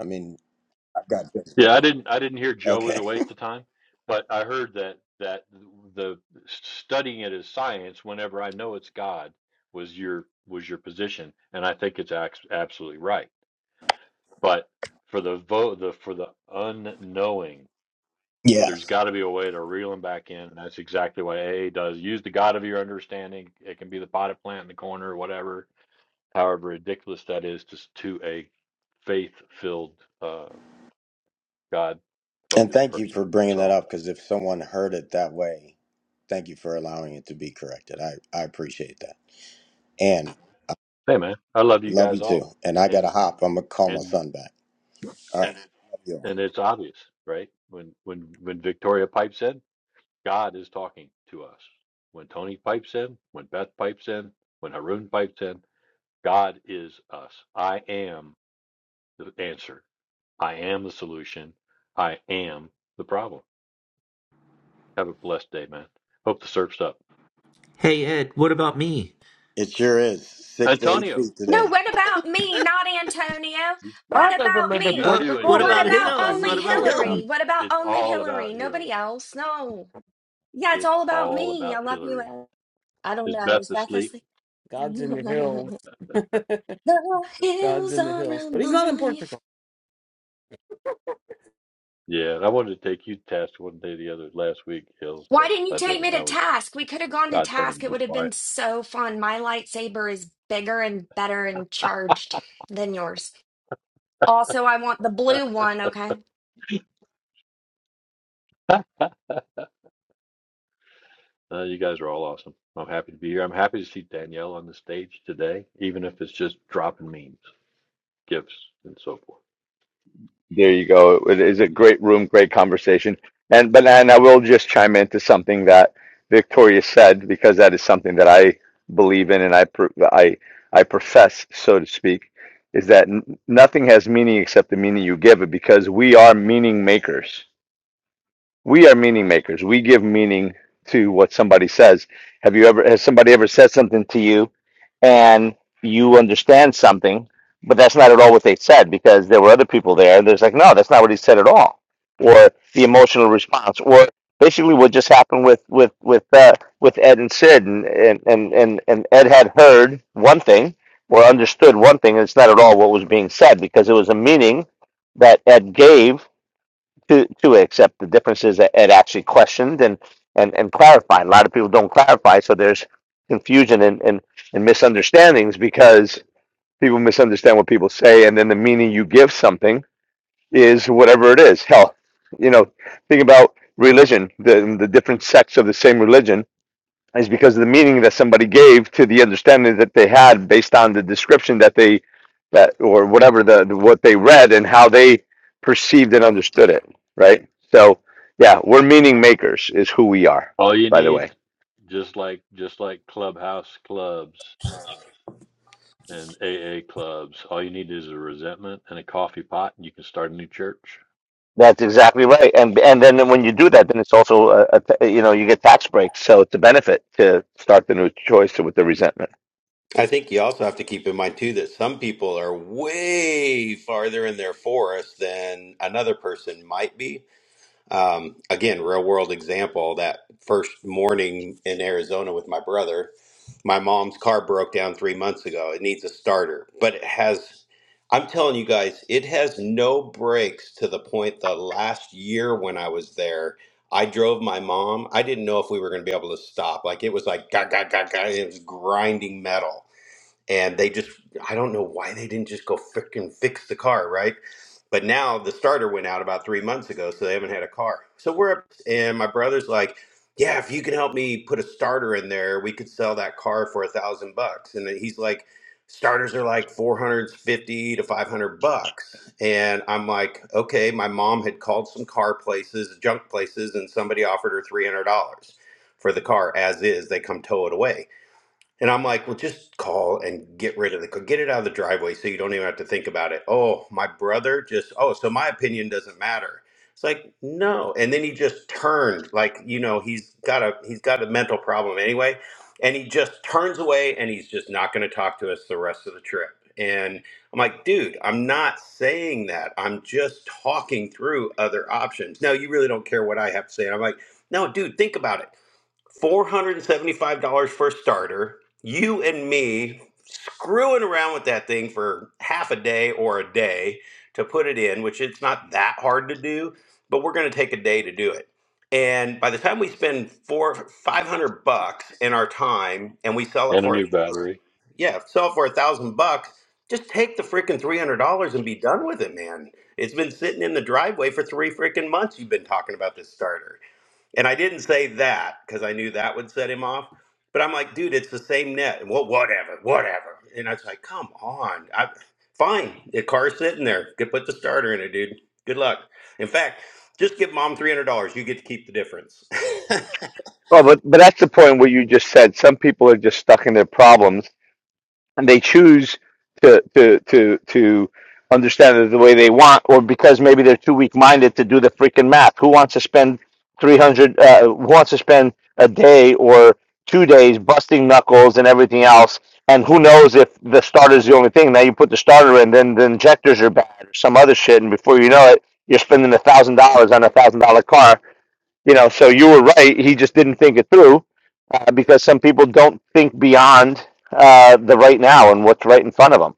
Speaker 7: I mean I've got this
Speaker 3: Yeah, I
Speaker 7: book.
Speaker 3: didn't I didn't hear Joe was
Speaker 7: Okay.
Speaker 3: a waste of time, but I heard that that the studying it as science whenever I know it's God was your was your position, and I think it's ax- absolutely right. But for the vote the for the unknowing,
Speaker 7: Yeah.
Speaker 3: there's got to be a way to reel them back in, and that's exactly what A A does. Use the God of your understanding. It can be the potted plant in the corner, or whatever. However ridiculous that is to s- to a faith filled, uh, God
Speaker 7: And
Speaker 3: focused
Speaker 7: thank you
Speaker 3: person.
Speaker 7: for bringing that
Speaker 3: So.
Speaker 7: up because if someone heard it that way, thank you for allowing it to be corrected. I, I appreciate that. And
Speaker 3: Hey man, I love you
Speaker 7: love you
Speaker 3: guys all,
Speaker 7: too. And I got to
Speaker 3: and
Speaker 7: hop. I'm going to call my
Speaker 3: and
Speaker 7: son back. All right. Love you all.
Speaker 3: and it's obvious, right? When when when Victoria Pipe said, God is talking to us. When Tony Pipe said, when Beth Pipe said, when Haroon Pipe said, God is us. I am the answer. I am the solution. I am the problem. Have a blessed day, man. Hope the surf's up.
Speaker 10: Hey Ed, what about me?
Speaker 7: It sure is. Six to eight
Speaker 3: Antonio,
Speaker 7: feet
Speaker 9: No,
Speaker 7: today.
Speaker 9: what about me, not Antonio?
Speaker 3: you,
Speaker 9: What
Speaker 2: God doesn't
Speaker 9: about
Speaker 2: live in
Speaker 3: you
Speaker 9: me?
Speaker 10: Uh,
Speaker 3: too, and
Speaker 10: what
Speaker 2: Portugal.
Speaker 9: What
Speaker 3: Hill.
Speaker 10: about
Speaker 3: It's
Speaker 9: about
Speaker 3: it's
Speaker 10: hills?
Speaker 3: actually
Speaker 9: only
Speaker 10: What
Speaker 3: it's
Speaker 10: about
Speaker 3: all
Speaker 10: hills?
Speaker 3: about
Speaker 9: Hillary? What about
Speaker 3: it's
Speaker 9: only
Speaker 3: all
Speaker 9: Hillary?
Speaker 3: about Hill.
Speaker 9: Nobody else? No. Yeah, it's
Speaker 3: It's
Speaker 9: all about
Speaker 3: all
Speaker 9: me. I
Speaker 3: about
Speaker 9: love you.
Speaker 3: Hillary.
Speaker 9: Ed. I don't
Speaker 3: Is
Speaker 9: know.
Speaker 3: Beth
Speaker 9: Is Beth
Speaker 3: asleep?
Speaker 9: asleep?
Speaker 2: God's in the hills.
Speaker 9: the
Speaker 2: God's
Speaker 9: hills
Speaker 2: in the
Speaker 9: are
Speaker 2: hills. But he's not in
Speaker 9: alive.
Speaker 2: Portugal.
Speaker 3: Yeah, I wanted to take you to task one day or the other last week, Hills,
Speaker 9: Why
Speaker 3: but
Speaker 9: didn't you
Speaker 3: I
Speaker 9: take me
Speaker 3: didn't. I
Speaker 9: to
Speaker 3: was
Speaker 9: task? We could have gone to
Speaker 3: God told me to
Speaker 9: task. It
Speaker 3: be
Speaker 9: would have been
Speaker 3: quiet.
Speaker 9: so fun. My lightsaber is bigger and better and charged than yours. Also, I want the
Speaker 3: uh,
Speaker 9: blue one, okay?
Speaker 3: you guys are all awesome. I'm happy to be here. I'm happy to see Danielle on the stage today, even if it's just dropping memes, gifts, and so forth.
Speaker 11: at all or the emotional response or basically what just happened with with with uh, with ed and sid and, and and and and ed had heard one thing or understood one thing and it's not at all what was being said because it was a meaning that ed gave to to it, except the difference is that ed actually questioned and and and clarified a lot of people don't clarify so there's confusion and and, and misunderstandings because people misunderstand what people say and then the meaning you give something is whatever it is. Hell, you know, think about religion, the the different sects of the same religion is because of the meaning that somebody gave to the understanding that they had based on the description that they that or whatever the, the what they read and how they perceived and understood it, right? So, yeah, we're meaning makers is who we are,
Speaker 3: All you
Speaker 11: by the
Speaker 3: need,
Speaker 11: way.
Speaker 3: just like just like clubhouse clubs and AA clubs, all you need is a resentment and a coffee pot, and you can start a new church
Speaker 11: That's exactly right. And and then when you do that, then it's also a, a t- you know, you get tax breaks, so it's a benefit to start the new choice with the resentment.
Speaker 4: I think you also have to keep in mind too that some people are way farther in their forest than another person might be. Um, again, real world example that first morning in Arizona with my brother, my mom's car broke down three months ago. It needs a starter, but it has, I'm telling you guys, it has no brakes to the point the last year when I was there. I drove my mom. I didn't know if we were going to be able to stop. Like it was like, gah, gah, gah, gah. and It was grinding metal and they just I don't know why they didn't just go freaking fix the car, right? But now the starter went out about three months ago, so they haven't had a car. So we're up, and my brother's like, "Yeah, if you can help me put a starter in there, we could sell that car for a thousand bucks." And then he's like, "Starters are like four hundred fifty to five hundred bucks," and I'm like, "Okay." My mom had called some car places, junk places, and somebody offered her three hundred dollars for the car as is. They come tow it away and I'm like, well, just call and get rid of the car. Get it out of the driveway so you don't even have to think about it. Oh, my brother just, oh, so my opinion doesn't matter. It's like, no. And then he just turned, like, you know, he's got a he's got a mental problem anyway. And he just turns away and he's just not gonna talk to us the rest of the trip. And I'm like, dude, I'm not saying that. I'm just talking through other options. No, you really don't care what I have to say. And I'm like, no, dude, think about it $475 for a starter. You and me screwing around with that thing for half a day or a day to put it in, which it's not that hard to do, but we're going to take a day to do it. And by the time we spend four, 500 bucks in our time and we sell it
Speaker 3: and a
Speaker 4: for a
Speaker 3: new
Speaker 4: thousand,
Speaker 3: battery.
Speaker 4: yeah, sell it for a thousand bucks, just take the freaking $300 and be done with it, man. It's been sitting in the driveway for three freaking months. You've been talking about this starter and I didn't say that because I knew that would set him off. But I'm like, dude, it's the same net. Well, whatever, whatever. And I was like, come on. I, fine. The car's sitting there. Could put the starter in it, dude. Good luck. In fact, just give mom $300. You get to keep the difference.
Speaker 11: Well, but but that's the point where you just said some people are just stuck in their problems and they choose to to to to understand it the way they want, or because maybe they're too weak-minded to do the freaking math. Who wants to spend three hundred? Uh, who wants to spend a day or two days busting knuckles and everything else? And who knows if the starter's the only thing? Now you put the starter in, then the injectors are bad or some other shit, and before you know it, you're spending a thousand dollars on a thousand dollar car you know so you were right he just didn't think it through uh, because some people don't think beyond uh, the right now and what's right in front of them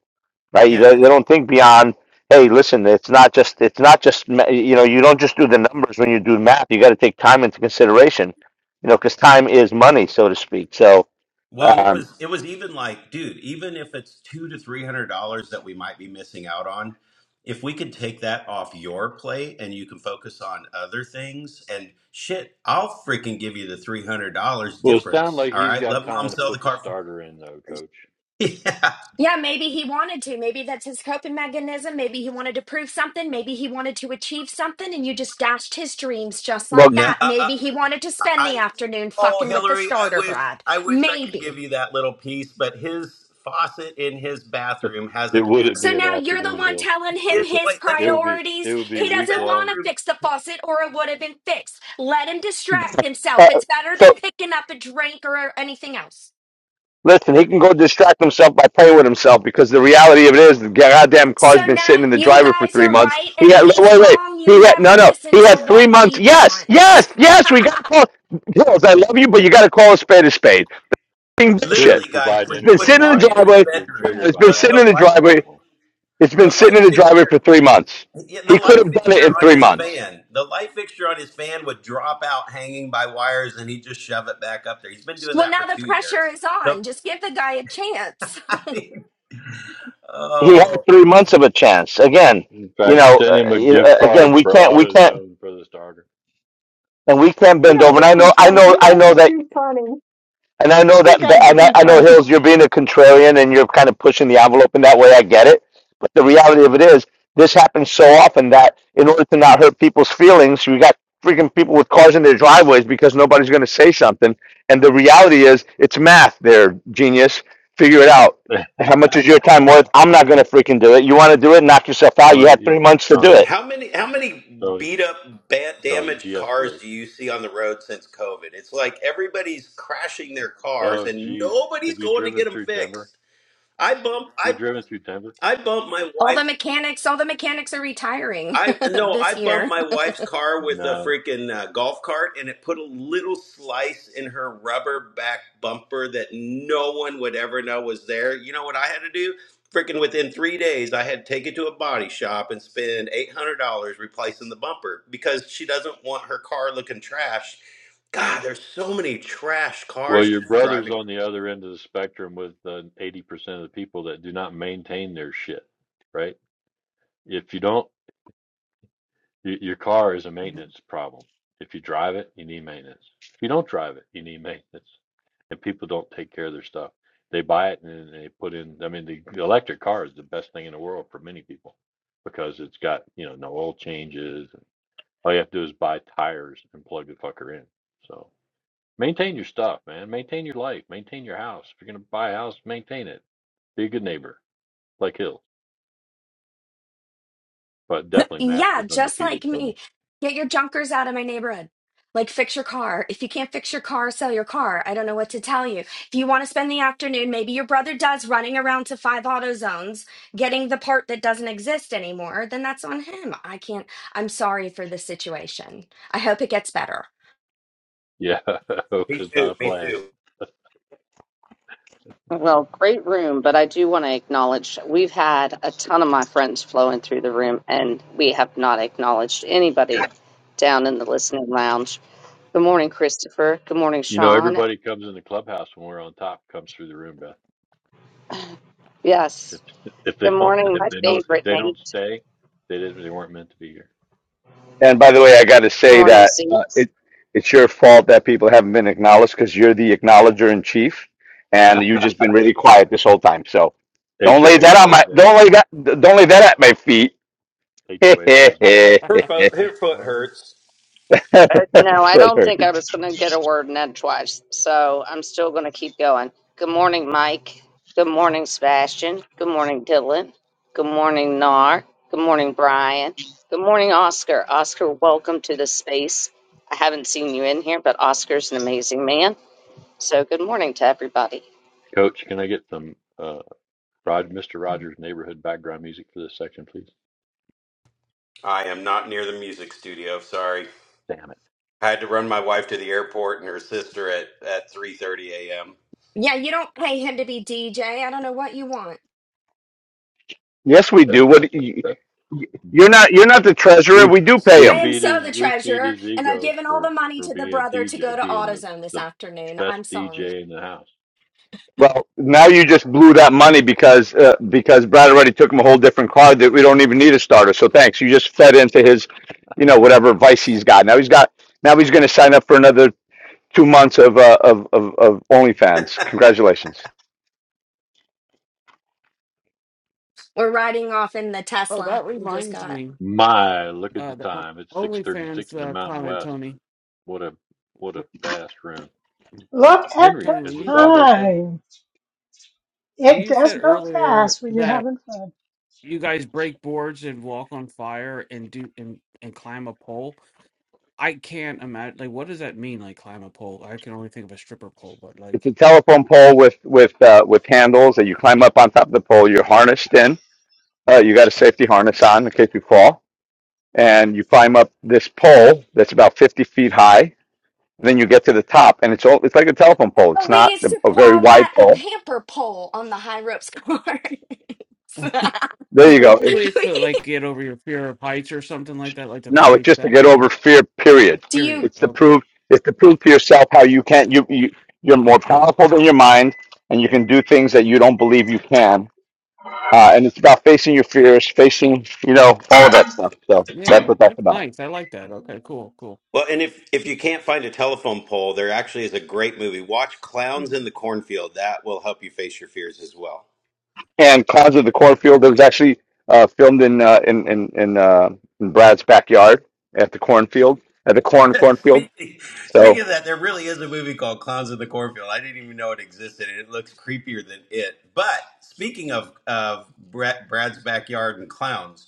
Speaker 11: right you, don't- they don't think beyond hey listen it's not just it's not just ma- you know you don't just do the numbers when you do math you got to take time into consideration you know because time is money so to speak so
Speaker 4: Well, and it
Speaker 11: um,
Speaker 4: was it was even like, dude, even if it's two to three hundred dollars that we might be missing out on, if we could take that off your plate and you can focus on other things and shit, I'll freaking give you the three hundred dollars
Speaker 3: Well, it sounds
Speaker 4: difference.
Speaker 3: like
Speaker 4: All
Speaker 3: he's
Speaker 4: right,
Speaker 3: got
Speaker 4: let mom
Speaker 3: time to
Speaker 4: sell the
Speaker 3: put the
Speaker 4: car. For-
Speaker 3: starter in, though, Coach.
Speaker 4: yeah,
Speaker 9: Yeah, maybe he wanted to. Maybe that's his coping mechanism. Maybe he wanted to prove something. Maybe he wanted to achieve something, and you just dashed his dreams just
Speaker 11: well
Speaker 9: like
Speaker 4: no, uh,
Speaker 9: that.
Speaker 4: uh,
Speaker 9: Maybe he wanted to spend the
Speaker 4: I.
Speaker 9: afternoon
Speaker 4: Oh,
Speaker 9: fucking with the
Speaker 4: Hillary, I
Speaker 9: starter,
Speaker 4: wish
Speaker 9: Brad.
Speaker 4: I wish I could
Speaker 9: Maybe.
Speaker 4: give you that little piece, but his faucet in his bathroom
Speaker 3: It
Speaker 4: hasn't had.
Speaker 3: wouldn't
Speaker 9: So
Speaker 3: be an
Speaker 9: now you're the
Speaker 3: afternoon,
Speaker 9: one
Speaker 3: Hills.
Speaker 9: telling him
Speaker 4: His
Speaker 9: his
Speaker 4: wait,
Speaker 3: It
Speaker 4: listen,
Speaker 3: would, it would be it
Speaker 9: priorities.
Speaker 3: would be
Speaker 9: He
Speaker 4: his
Speaker 3: week
Speaker 9: doesn't want
Speaker 3: long.
Speaker 9: to
Speaker 4: bathroom.
Speaker 9: fix the faucet or it would have been fixed. Let him distract himself.
Speaker 11: uh,
Speaker 9: It's better
Speaker 11: so
Speaker 9: than picking up a drink or anything else.
Speaker 11: Listen, he can go distract himself by playing with himself because the reality of it is the goddamn car's
Speaker 9: So
Speaker 11: been
Speaker 9: now
Speaker 11: sitting in the
Speaker 9: you
Speaker 11: driver for
Speaker 9: guys
Speaker 11: three
Speaker 9: are
Speaker 11: months.
Speaker 9: right
Speaker 11: He
Speaker 9: and
Speaker 11: had wait,
Speaker 9: he's
Speaker 11: wait.
Speaker 9: wrong. You
Speaker 11: He had
Speaker 9: never
Speaker 11: no, no.
Speaker 9: listen
Speaker 11: He
Speaker 4: yeah.
Speaker 9: to
Speaker 11: had three
Speaker 9: what
Speaker 11: months.
Speaker 9: he
Speaker 11: Yes,
Speaker 9: wants.
Speaker 11: yes, yes. We got to call Hills. I love you, but you got to call a spade a spade. Fucking
Speaker 3: Hills is
Speaker 11: bullshit.
Speaker 4: Literally, guys,
Speaker 3: providing
Speaker 11: It's
Speaker 4: when you
Speaker 11: been
Speaker 4: would
Speaker 11: sitting
Speaker 3: entertainment
Speaker 11: in
Speaker 4: walk
Speaker 11: the
Speaker 3: right
Speaker 4: in his
Speaker 3: now.
Speaker 11: driveway.
Speaker 3: If you're
Speaker 11: Hold
Speaker 4: bedroom,
Speaker 11: on,
Speaker 3: triggered
Speaker 11: It's
Speaker 3: by
Speaker 11: been
Speaker 4: the,
Speaker 3: that,
Speaker 11: sitting in
Speaker 4: the
Speaker 11: the
Speaker 3: it's
Speaker 4: light
Speaker 3: a
Speaker 11: driveway.
Speaker 3: problem.
Speaker 11: It's been
Speaker 4: the
Speaker 11: sitting
Speaker 4: light
Speaker 11: in the driveway for
Speaker 4: fixture
Speaker 11: three months.
Speaker 4: yeah, the
Speaker 11: He could
Speaker 4: light
Speaker 11: have done it
Speaker 4: fixture
Speaker 11: in
Speaker 4: on
Speaker 11: three
Speaker 4: his
Speaker 11: months.
Speaker 4: fan, the light fixture on his fan would drop out hanging by wires, and he'd just shove it back up there. He's been doing
Speaker 9: Well,
Speaker 4: that
Speaker 9: now
Speaker 4: for
Speaker 9: the
Speaker 4: two
Speaker 9: pressure
Speaker 4: years.
Speaker 9: is
Speaker 4: The
Speaker 9: on. Just give the guy a chance.
Speaker 4: I mean,
Speaker 11: He had
Speaker 4: oh,
Speaker 11: three months of a chance. Again,
Speaker 3: In
Speaker 11: you
Speaker 3: fact,
Speaker 11: know,
Speaker 3: send
Speaker 11: uh,
Speaker 3: him a
Speaker 11: you-
Speaker 3: gift
Speaker 11: uh, again,
Speaker 3: card
Speaker 11: we
Speaker 3: for
Speaker 11: can't, we can't,
Speaker 3: AutoZone for the starter.
Speaker 11: and we can't
Speaker 5: You
Speaker 11: bend over.
Speaker 5: guys
Speaker 11: And
Speaker 5: are
Speaker 11: I
Speaker 5: too
Speaker 11: know, I
Speaker 5: fun.
Speaker 11: know,
Speaker 5: You
Speaker 11: I
Speaker 5: guys
Speaker 11: know
Speaker 5: are
Speaker 11: that
Speaker 5: too funny.
Speaker 11: And I know
Speaker 5: You
Speaker 11: that,
Speaker 5: guys are
Speaker 11: and I,
Speaker 5: too
Speaker 11: I know
Speaker 5: funny.
Speaker 11: Hills, you're being a contrarian and you're kind of pushing the envelope in that way. I get it, but the reality of it is, this happens so often that in order to not hurt people's feelings, you got freaking people with cars in their driveways because nobody's going to say something. And the reality is, it's math. There, genius, figure it out. How much is your time worth? I'm not going to freaking do it. You want to do it? Knock yourself out. You
Speaker 3: Tony,
Speaker 11: had
Speaker 3: you-
Speaker 11: three months to do
Speaker 3: Tony,
Speaker 11: it.
Speaker 4: how many how many
Speaker 3: Tony,
Speaker 4: beat up, bad,
Speaker 3: Tony,
Speaker 4: damaged cars
Speaker 3: de-escalate.
Speaker 4: do you see on the road since COVID? It's like everybody's crashing their cars,
Speaker 3: Oh,
Speaker 4: and
Speaker 3: geez,
Speaker 4: nobody's
Speaker 3: have you
Speaker 4: going to
Speaker 3: driven
Speaker 4: get them
Speaker 3: through Denver?
Speaker 4: fixed. I bump
Speaker 3: Have you
Speaker 4: I
Speaker 3: driven through Denver?
Speaker 4: I bumped my
Speaker 9: All
Speaker 4: wife's
Speaker 9: the mechanics, all the mechanics are retiring
Speaker 4: I no, I
Speaker 9: this
Speaker 4: bumped
Speaker 9: year.
Speaker 4: my wife's car with a
Speaker 3: No.
Speaker 4: freaking uh, golf cart, and it put a little slice in her rubber back bumper that no one would ever know was there. You know what I had to do? Freaking within three days, I had to take it to a body shop and spend eight hundred dollars replacing the bumper because she doesn't want her car looking trash. God, there's so many trash
Speaker 3: Well,
Speaker 4: cars
Speaker 3: your
Speaker 4: just
Speaker 3: brother's
Speaker 4: driving.
Speaker 3: on the other end of the spectrum with uh, 80% of the people that do not maintain their shit, right? If you don't Your, your car is a maintenance problem. If you drive it, you need maintenance. If you don't drive it, you need maintenance. And people don't take care of their stuff. They buy it and then they put in, I mean, the, the electric car is the best thing in the world for many people because it's got, you know, no oil changes. all you have to do is buy tires and plug the fucker in. So maintain your stuff, man. Maintain your life. Maintain your house. If you're going to buy a house, maintain it. Be a good neighbor, like Hill. But definitely math
Speaker 9: yeah,
Speaker 3: is
Speaker 9: just like
Speaker 3: undefeated,
Speaker 9: me.
Speaker 3: Tony.
Speaker 9: Get your junkers out of my neighborhood. Like fix your car. If you can't fix your car, sell your car. I don't know what to tell you. If you want to spend the afternoon, maybe your brother does running around to five auto zones getting the part that doesn't exist anymore, then that's on him. I can't I'm sorry for this situation. I hope it gets better.
Speaker 3: Yeah, hope
Speaker 4: Me
Speaker 3: is not
Speaker 4: too.
Speaker 3: a
Speaker 4: Me
Speaker 3: plan.
Speaker 4: too.
Speaker 1: Well, great room, but I do want to acknowledge we've had a ton of my friends flowing through the room, and we have not acknowledged anybody down in the listening lounge. Good morning, Christopher. Good morning,
Speaker 3: You know,
Speaker 1: Sean.
Speaker 3: everybody comes in the clubhouse when we're on top comes through the room, Beth. If
Speaker 1: Yes.
Speaker 3: if they
Speaker 1: Good
Speaker 3: don't
Speaker 1: morning,
Speaker 3: if
Speaker 1: my
Speaker 3: they don't if
Speaker 1: favorite
Speaker 3: they don't
Speaker 1: Nate.
Speaker 3: stay, they didn't they weren't meant to be here.
Speaker 11: And by the way, I got to
Speaker 1: Good
Speaker 11: say
Speaker 1: morning,
Speaker 11: that
Speaker 1: Z.
Speaker 11: uh, it it's your fault that people haven't been acknowledged because you're the acknowledger in chief, and you've just been really quiet this whole time. So don't lay
Speaker 3: HOA
Speaker 11: that on my
Speaker 3: president,
Speaker 11: don't lay that don't lay that at my feet.
Speaker 3: HOA president.
Speaker 4: Her foot, her
Speaker 2: That's
Speaker 4: foot
Speaker 2: funny.
Speaker 4: hurts.
Speaker 1: Uh, no, I
Speaker 11: Foot
Speaker 1: don't think I
Speaker 11: hurts.
Speaker 1: was going to get a word in edgewise, so I'm still going to keep going. Good morning, Mike. Good morning, Sebastian. Good morning, Dylan. Good morning, Nar. Good morning, Brian. Good morning, Oscar. Oscar, welcome to the space. I haven't seen you in here, but Oscar's an amazing man. So good morning to everybody.
Speaker 3: Coach, can I get some uh Rod Mr. Rogers neighborhood background music for this section, please?
Speaker 4: I am not near the music studio. Sorry.
Speaker 3: Damn it.
Speaker 4: I had to run my wife to the airport and her sister at at 3:30 a.m.
Speaker 9: Yeah, you don't pay him to be DJ. I don't know what you want.
Speaker 11: Yes, we do. What you-
Speaker 3: Beth.
Speaker 11: you're not you're not the treasurer.
Speaker 3: We
Speaker 11: We do pay
Speaker 3: we
Speaker 9: I
Speaker 11: him.
Speaker 9: am
Speaker 3: feed
Speaker 9: so
Speaker 3: his
Speaker 9: the
Speaker 3: we feed
Speaker 9: treasurer,
Speaker 3: his
Speaker 9: and I've
Speaker 3: ego
Speaker 9: given all the
Speaker 3: for
Speaker 9: money
Speaker 3: for
Speaker 9: to the
Speaker 3: being
Speaker 9: brother to go
Speaker 3: DJ,
Speaker 9: to
Speaker 3: being the
Speaker 9: AutoZone this
Speaker 3: the
Speaker 9: afternoon.
Speaker 3: best
Speaker 9: I'm sorry.
Speaker 3: DJ in the house.
Speaker 11: Well, now you just blew that money because uh, because Brad already took him a whole different card that we don't even need a starter. So thanks. You just fed into his, you know, whatever vice he's got. Now he's got. Now he's going to sign up for another two months of uh, of, of of OnlyFans. Congratulations.
Speaker 9: We're riding off in the
Speaker 2: Oh,
Speaker 9: Tesla
Speaker 2: that
Speaker 9: we just
Speaker 2: reminds
Speaker 9: got.
Speaker 2: me.
Speaker 3: My, look at
Speaker 2: Uh,
Speaker 3: the
Speaker 2: the O-
Speaker 3: time. It's 6:36 in
Speaker 2: OnlyFans
Speaker 3: the
Speaker 2: uh,
Speaker 3: Mountain
Speaker 2: comment,
Speaker 3: West.
Speaker 2: Tony.
Speaker 3: What a what
Speaker 2: Wh-
Speaker 3: a fast room. Henry,
Speaker 2: Tony, when
Speaker 3: is the
Speaker 2: you
Speaker 3: dog okay?
Speaker 2: when you said earlier that you guys break boards and walk on fire and do and and climb a pole, I can't imagine. Like, what does that mean? Like, climb a pole? I can only think of a stripper pole, but
Speaker 11: It's a
Speaker 2: like,
Speaker 11: telephone pole with with uh, with handles that you climb up on top of the pole. You're harnessed in. Uh, you got a safety harness on in case you fall,
Speaker 2: oh,
Speaker 11: and you climb up this pole that's about 50 feet high Then you get to the top, and it's all it's like a telephone pole.
Speaker 9: Oh,
Speaker 11: It's
Speaker 9: we
Speaker 11: not
Speaker 9: used
Speaker 11: a
Speaker 9: to
Speaker 2: okay,
Speaker 11: very
Speaker 9: call
Speaker 2: that makes
Speaker 11: wide
Speaker 9: that a
Speaker 2: sense.
Speaker 11: pole.
Speaker 9: pamper pole on the high ropes cars.
Speaker 11: There
Speaker 2: So
Speaker 11: you go. It-
Speaker 2: basically, it's to like get over your fear of heights or something like that, like to
Speaker 11: No, it's
Speaker 2: face
Speaker 11: just to
Speaker 2: that.
Speaker 11: get over fear. Period.
Speaker 9: Do you?
Speaker 2: Period.
Speaker 11: It's to
Speaker 2: Okay.
Speaker 11: prove it's to prove to yourself how you can not you you you're more powerful than your mind, and you can do things that you don't believe you can. Uh, and it's about facing your fears, facing you know all of that stuff. So that's
Speaker 2: Yeah,
Speaker 11: what that's
Speaker 2: that's
Speaker 11: about.
Speaker 2: nice. I like that. Okay, cool, cool.
Speaker 4: Well, and if if you can't find a telephone pole, there actually is a great movie. Watch Clowns in the Cornfield. That will help you face your fears as well.
Speaker 11: And Clouds of the Cornfield that was actually uh, filmed in uh, in in in, uh, in Brad's backyard at the cornfield at the corn cornfield.
Speaker 4: Speaking,
Speaker 11: So
Speaker 4: speaking of that, there really is a movie called Clowns in the Cornfield. I didn't even know it existed, and it looks creepier than it. But speaking of of Brad, Brad's backyard and clowns,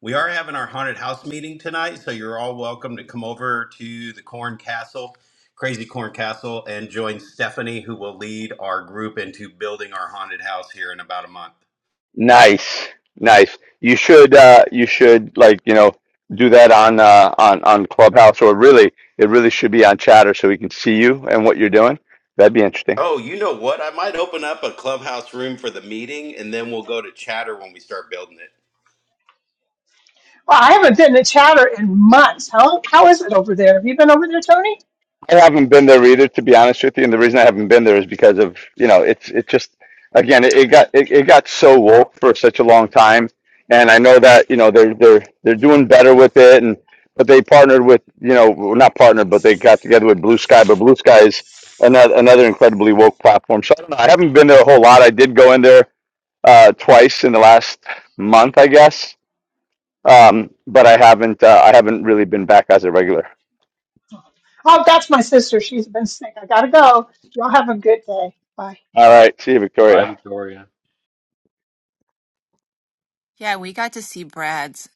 Speaker 4: we are having our haunted house meeting tonight, so you're all welcome to come over to the Corn Castle, Crazy Corn Castle, and join Stephanie, who will lead our group into building our haunted house here in about a month.
Speaker 11: Nice, nice. You should, uh, you should like, you know, do that on uh, on on Clubhouse or really, it really should be on Chatter so we can see you and what you're doing. That'd be interesting.
Speaker 4: Oh, you know what? I might open up a clubhouse room for the meeting, and then we'll go to chatter when we start building it.
Speaker 5: Well, I haven't been to Chatter in months. How how is it over there? Have you been over there, Tony?
Speaker 11: I haven't been there either, to be honest with you. And the reason I haven't been there is because of, you know, it's it just again it, it got it, it got so woke for such a long time. And I know that, you know, they're they're they're doing better with it and but they partnered with, you know, well, not partnered, but they got together with Blue Sky, but Blue Sky is another another incredibly woke platform. So I don't know. I haven't been there a whole lot. I did go in there uh twice in the last month, I guess. Um, but I haven't uh, I haven't really been back as a regular.
Speaker 5: Oh, that's my sister. She's been sick. I gotta go. Y'all have a good day. Bye.
Speaker 11: All right. See you,
Speaker 3: Bye,
Speaker 11: Victoria.
Speaker 3: Victoria.
Speaker 12: Yeah, we got to see Brad's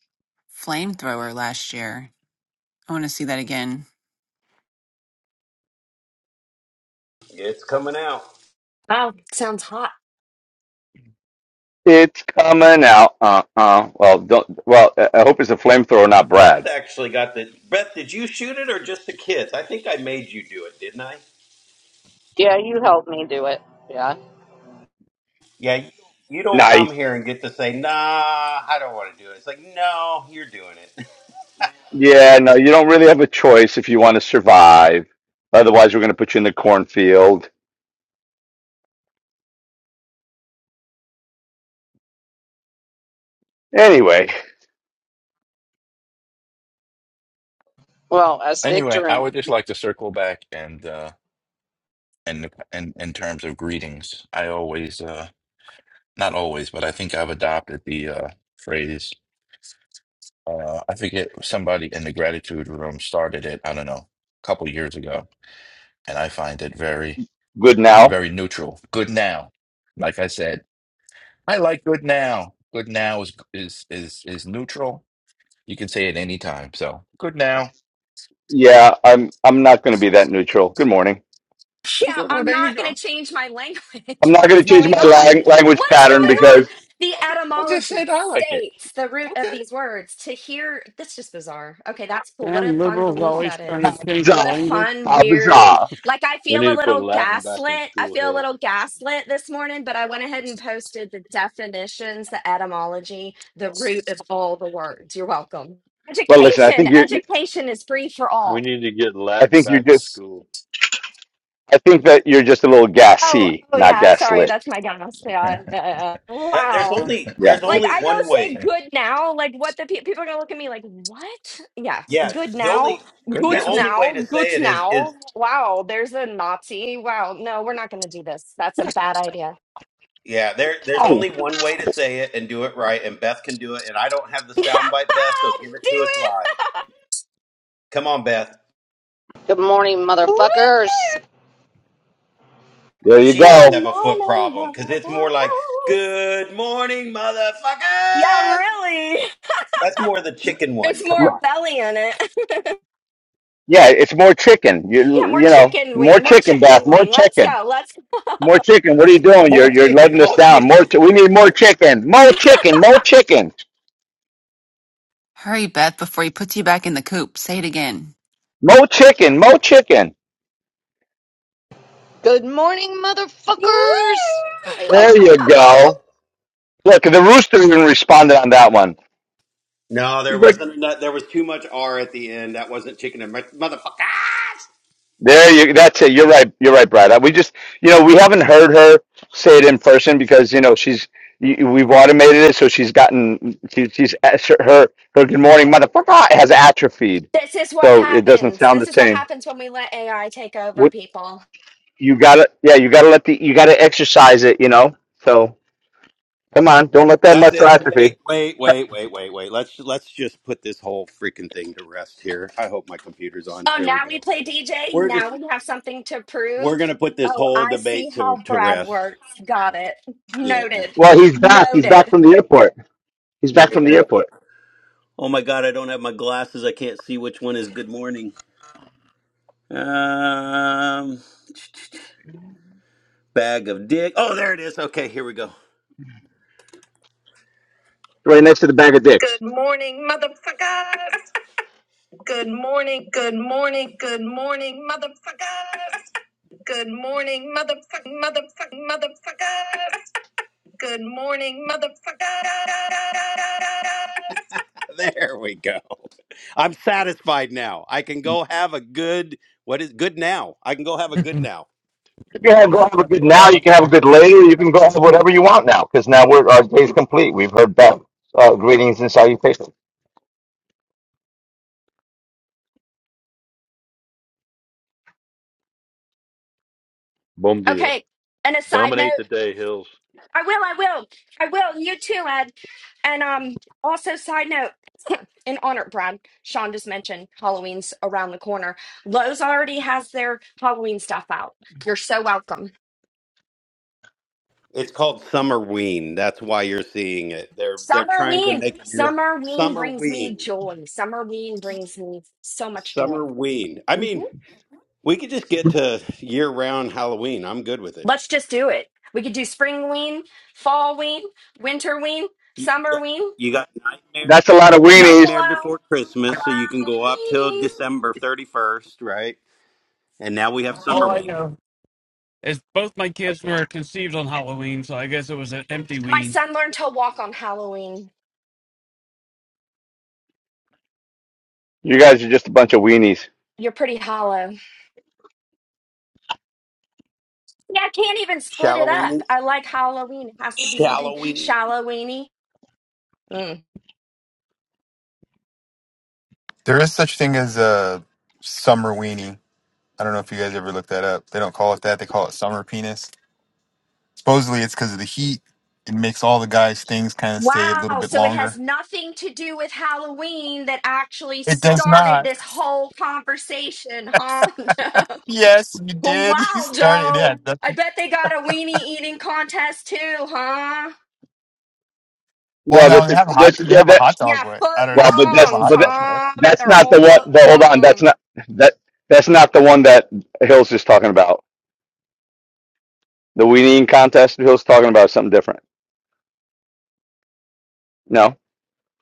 Speaker 12: flamethrower last year. I want to see that again.
Speaker 4: It's coming out.
Speaker 9: Wow, sounds hot.
Speaker 11: It's coming out. Uh uh. Well, don't. Well, I I hope it's a flamethrower, not
Speaker 4: Beth
Speaker 11: Brad.
Speaker 4: actually got the. Beth, did you shoot it or just the kids? I think I made you do it, didn't I?
Speaker 1: Yeah, you helped me do it. Yeah.
Speaker 4: Yeah, you, you don't come
Speaker 11: Nice.
Speaker 4: here and get to say, "Nah, I don't want to do it." It's like, no, you're doing it.
Speaker 11: Yeah. No, you don't really have a choice if you want to survive. Otherwise, we're going to put you in the cornfield. Anyway,
Speaker 1: Well, as
Speaker 8: Anyway,
Speaker 1: Victor
Speaker 8: I
Speaker 1: and
Speaker 8: would just like to circle back and uh and and in terms of greetings, I always uh not always, but I think I've adopted the uh phrase. Uh, I forget somebody in the gratitude room started it. I don't know, a couple years ago, and I find it very
Speaker 11: good now.
Speaker 8: very neutral. Good now, like I said, I like good now. Good now is is is is neutral. You can say it anytime. So good now.
Speaker 11: Yeah, I'm. I'm not going to be that neutral. Good morning.
Speaker 9: Yeah,
Speaker 8: Okay, well
Speaker 9: I'm
Speaker 8: there you
Speaker 9: not going to
Speaker 8: go.
Speaker 9: change my language.
Speaker 11: I'm not
Speaker 9: What
Speaker 11: going
Speaker 9: is
Speaker 11: to change
Speaker 9: going
Speaker 11: my
Speaker 9: on?
Speaker 11: lang- language
Speaker 9: What is
Speaker 11: pattern
Speaker 8: Okay.
Speaker 9: going on?
Speaker 11: because
Speaker 9: The
Speaker 8: I just
Speaker 9: etymology
Speaker 8: said I like it.
Speaker 9: states the root of
Speaker 8: Okay.
Speaker 9: these words. To hear, that's just bizarre. Okay, that's cool. What a
Speaker 2: Damn
Speaker 9: fun
Speaker 2: liberals
Speaker 9: belief
Speaker 8: No.
Speaker 2: always
Speaker 9: that
Speaker 2: trying to
Speaker 9: is.
Speaker 2: change their
Speaker 9: What a
Speaker 11: bizarre.
Speaker 2: language.
Speaker 9: fun,
Speaker 11: How
Speaker 9: weird,
Speaker 11: bizarre.
Speaker 9: like I
Speaker 3: We
Speaker 9: feel
Speaker 3: need
Speaker 9: a
Speaker 3: to put
Speaker 9: little
Speaker 3: Latin back in
Speaker 9: gaslit. I
Speaker 3: school,
Speaker 9: feel a
Speaker 3: Hills.
Speaker 9: little gaslit this morning, but I went ahead and posted the definitions, the etymology, the root of all the words. You're welcome.
Speaker 11: Well, listen. I
Speaker 9: Education,
Speaker 11: think you're.
Speaker 9: education is free for
Speaker 3: We
Speaker 9: all.
Speaker 3: need to get
Speaker 11: I
Speaker 3: Latin
Speaker 11: think you're.
Speaker 3: back in
Speaker 11: just.
Speaker 3: school.
Speaker 11: I think that you're just a little
Speaker 9: Oh,
Speaker 11: gassy,
Speaker 9: oh
Speaker 11: not
Speaker 9: yeah. Sorry,
Speaker 11: gaslit.
Speaker 9: that's my dumbass. Yeah. uh,
Speaker 4: That- there's
Speaker 9: wow.
Speaker 4: only
Speaker 11: Yeah.
Speaker 4: there's
Speaker 9: Like
Speaker 4: only
Speaker 9: I go
Speaker 4: one
Speaker 9: say
Speaker 4: way.
Speaker 9: good now. Like what the pe- people are gonna look at me like what? Yeah,
Speaker 4: Yeah,
Speaker 9: good
Speaker 4: the
Speaker 9: now,
Speaker 4: only
Speaker 8: Good
Speaker 4: the
Speaker 9: good
Speaker 8: now.
Speaker 4: only way
Speaker 9: now,
Speaker 4: to
Speaker 9: good
Speaker 4: say it is is
Speaker 9: now. Wow, there's a Nazi. Wow, no, we're not gonna do this. That's a bad idea.
Speaker 4: yeah. There there's
Speaker 11: No.
Speaker 4: only one way to say it and do it right, and Beth can do it. And I don't have the
Speaker 9: do
Speaker 4: soundbite, Beth, so give it to us
Speaker 9: it.
Speaker 4: live. Come on, Beth.
Speaker 1: good morning,
Speaker 9: Woo!
Speaker 1: motherfuckers.
Speaker 11: There you
Speaker 4: She
Speaker 9: Good
Speaker 4: does
Speaker 11: go.
Speaker 4: have a foot
Speaker 9: morning,
Speaker 4: problem
Speaker 9: mother
Speaker 4: because it's more like, "Good morning,
Speaker 9: Yeah,
Speaker 4: motherfuckers."
Speaker 9: really.
Speaker 4: That's more the chicken
Speaker 9: There's
Speaker 4: one. Come
Speaker 11: M-
Speaker 9: more
Speaker 4: on,
Speaker 9: belly in it.
Speaker 11: Yeah, it's more chicken.
Speaker 9: yeah,
Speaker 11: You
Speaker 9: more
Speaker 11: you know,
Speaker 9: chicken
Speaker 11: more
Speaker 9: wing, more
Speaker 11: chicken,
Speaker 9: chicken
Speaker 11: Beth. More
Speaker 9: wing. Let's
Speaker 11: chicken.
Speaker 9: go. Let's.
Speaker 11: More chicken. What are you doing?
Speaker 4: more
Speaker 11: You're you're
Speaker 4: chicken,
Speaker 11: letting us
Speaker 4: more
Speaker 11: down. More.
Speaker 4: chicken.
Speaker 11: Chi- we need more chicken. More chicken. More chicken.
Speaker 12: Hurry, Beth, before he puts you back in the coop. Say it again.
Speaker 11: More chicken. More chicken.
Speaker 1: Good morning, motherfuckers.
Speaker 9: Woo!
Speaker 1: I like
Speaker 11: There
Speaker 1: that.
Speaker 11: you go. Look, the rooster even responded on that one.
Speaker 4: No, there
Speaker 11: He's like.
Speaker 4: wasn't. no, There was too much R at the end. That wasn't chicken and motherfuckers.
Speaker 11: There you that's it. You're right. You're right, Brad. We just you know, we haven't heard her say it in person because you know, she's y- we've automated it so she's gotten she, she's her her good morning motherfucker has atrophied.
Speaker 9: This is what
Speaker 11: So it doesn't
Speaker 9: happens.
Speaker 11: sound
Speaker 9: This
Speaker 11: the
Speaker 9: is what
Speaker 11: same.
Speaker 9: happens when we let AI take over
Speaker 11: What
Speaker 9: people.
Speaker 11: you got to yeah, you got to let the you got to exercise it, you know. So come on, don't let that
Speaker 4: That's
Speaker 11: muscle
Speaker 4: it. Wait,
Speaker 11: atrophy.
Speaker 4: wait, wait, wait, wait, wait. Let's let's just put this whole freaking thing to rest here. I hope my computer's on.
Speaker 9: Oh,
Speaker 4: There we
Speaker 9: now we
Speaker 4: go.
Speaker 9: play DJ.
Speaker 4: We're just
Speaker 9: Now we have something to
Speaker 4: we're
Speaker 9: prove.
Speaker 4: gonna put this
Speaker 9: Oh,
Speaker 4: whole
Speaker 9: I see
Speaker 4: debate
Speaker 9: how
Speaker 4: to to
Speaker 9: Brad
Speaker 4: rest.
Speaker 9: works. Got it.
Speaker 4: Yeah,
Speaker 9: Noted.
Speaker 11: Well,
Speaker 4: we're
Speaker 11: he's back. He's back
Speaker 9: Noted.
Speaker 11: from the airport. He's back from the
Speaker 4: here.
Speaker 11: airport.
Speaker 4: Oh my god, I don't have my glasses. I can't see which one is good morning. Um, bag of dick. Oh, there it is. Okay, here we go.
Speaker 11: Right next to the bag of dicks.
Speaker 4: Good morning, motherfuckers. Good morning, good morning, good morning, motherfuckers. Good morning, motherfucking, motherfucking, motherfuckers. Good morning, motherfuckers. There we go. I'm satisfied now. I can go have a good, what is good now? I can go have a good
Speaker 2: That's
Speaker 4: now.
Speaker 11: You can have, go have a good now. You can have a
Speaker 2: awesome.
Speaker 11: good later. You can go have whatever you want now, because now we're our day's complete. We've heard back uh, greetings and salutations.
Speaker 3: Boom dia.
Speaker 9: Okay. And a side
Speaker 3: Dominate
Speaker 9: note,
Speaker 3: the day, Hills.
Speaker 9: I will, I will, I will. You too, Ed. And um, also side note, in honor, Brad, Sean just mentioned Halloween's around the corner. Lowe's already has their Halloween stuff out. You're so welcome.
Speaker 4: It's called Summer Ween. That's why you're seeing it. They're they're trying to
Speaker 9: Summerween.
Speaker 4: make a new
Speaker 9: Summerween
Speaker 4: Summer
Speaker 9: brings me
Speaker 4: Ween.
Speaker 9: joy. Summerween brings me so much
Speaker 4: Summer
Speaker 9: joy.
Speaker 4: Ween. I
Speaker 9: hmm
Speaker 4: mean, We could just get to year-round Halloween. I'm good with it.
Speaker 9: Let's just do it. We could do springween, fallween, winterween,
Speaker 4: You you got,
Speaker 9: summerween.
Speaker 4: you got nightmare,
Speaker 11: That's a lot of weenies.
Speaker 4: nightmare
Speaker 9: Hello,
Speaker 4: before Christmas, so you can
Speaker 9: hello,
Speaker 4: go up till
Speaker 9: weenies.
Speaker 4: December 31st, right? And now we have
Speaker 2: All
Speaker 4: summer
Speaker 2: I
Speaker 4: weenie,
Speaker 2: know is both my kids were conceived on Halloween, so I guess it was an empty
Speaker 9: My
Speaker 2: wean.
Speaker 9: son learned to walk on Halloween.
Speaker 11: You guys are just a bunch of weenies.
Speaker 9: You're pretty hollow. Yeah, I can't even split it
Speaker 4: shallow
Speaker 9: up.
Speaker 4: weenie,
Speaker 9: I like Halloween. It has to be one thing.
Speaker 4: shallow weenie.
Speaker 9: Shallow weenie. Mm.
Speaker 13: There is such thing as a summer weenie. I don't know if you guys ever looked that up. They don't call it that. They call it summer penis. Supposedly, it's because of the heat. It makes all the guys' things kind of stay a little
Speaker 9: Wow.
Speaker 13: bit
Speaker 9: So it has
Speaker 13: longer.
Speaker 9: nothing to do with Halloween that actually
Speaker 13: It does
Speaker 9: started
Speaker 13: not.
Speaker 9: this whole conversation, huh? Joe?
Speaker 13: Yes, you
Speaker 9: well,
Speaker 13: did. You
Speaker 9: wow,
Speaker 13: started.
Speaker 9: Joe.
Speaker 13: Yeah. That,
Speaker 9: I bet they got a weenie eating contest too, huh?
Speaker 13: well,
Speaker 11: Well,
Speaker 13: now
Speaker 11: that's
Speaker 13: they
Speaker 11: that's
Speaker 13: have a hot. They
Speaker 11: that,
Speaker 13: have a
Speaker 11: that,
Speaker 13: hot dog
Speaker 9: Yeah,
Speaker 13: wet.
Speaker 9: foot
Speaker 13: I don't know.
Speaker 11: well, but
Speaker 13: They have
Speaker 11: that's
Speaker 13: a
Speaker 9: longs, huh?
Speaker 13: hot
Speaker 11: but that,
Speaker 13: dog wet.
Speaker 9: I bet
Speaker 11: that's
Speaker 9: they're a
Speaker 11: not the
Speaker 9: whole
Speaker 11: one.
Speaker 9: foot
Speaker 11: The, hold on, that's
Speaker 9: long.
Speaker 11: not that that's not the one that Hill's just talking about. The weenie contest Hill's talking about is something different. No,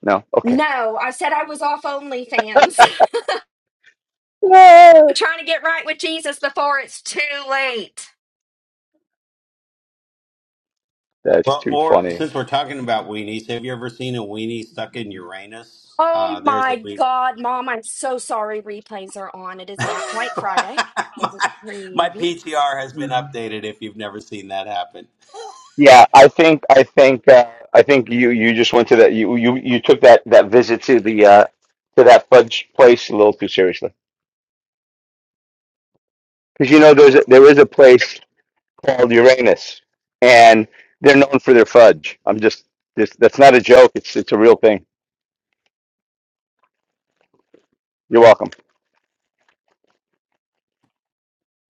Speaker 11: no, okay,
Speaker 9: No, I said I was off OnlyFans. I'm trying to get right with Jesus before it's too late.
Speaker 11: that's
Speaker 4: Well,
Speaker 11: too
Speaker 4: or
Speaker 11: funny.
Speaker 4: since we're talking about weenies, have you ever seen a weenie stuck in Uranus?
Speaker 9: Oh
Speaker 4: Uh, there's a
Speaker 9: my
Speaker 4: weenie.
Speaker 9: God, Mom, I'm so sorry replays are on. It is not quite Friday.
Speaker 4: my,
Speaker 9: This is a
Speaker 4: my
Speaker 9: preview.
Speaker 4: PTR has been updated. If you've never seen that happen,
Speaker 11: Yeah, I think I think uh, I think you you just went to that you you you took that that visit to the uh to that fudge place a little too seriously because you know there's a, there is a place called Uranus and they're known for their fudge. I'm just this that's not a joke. It's it's a real thing. You're welcome.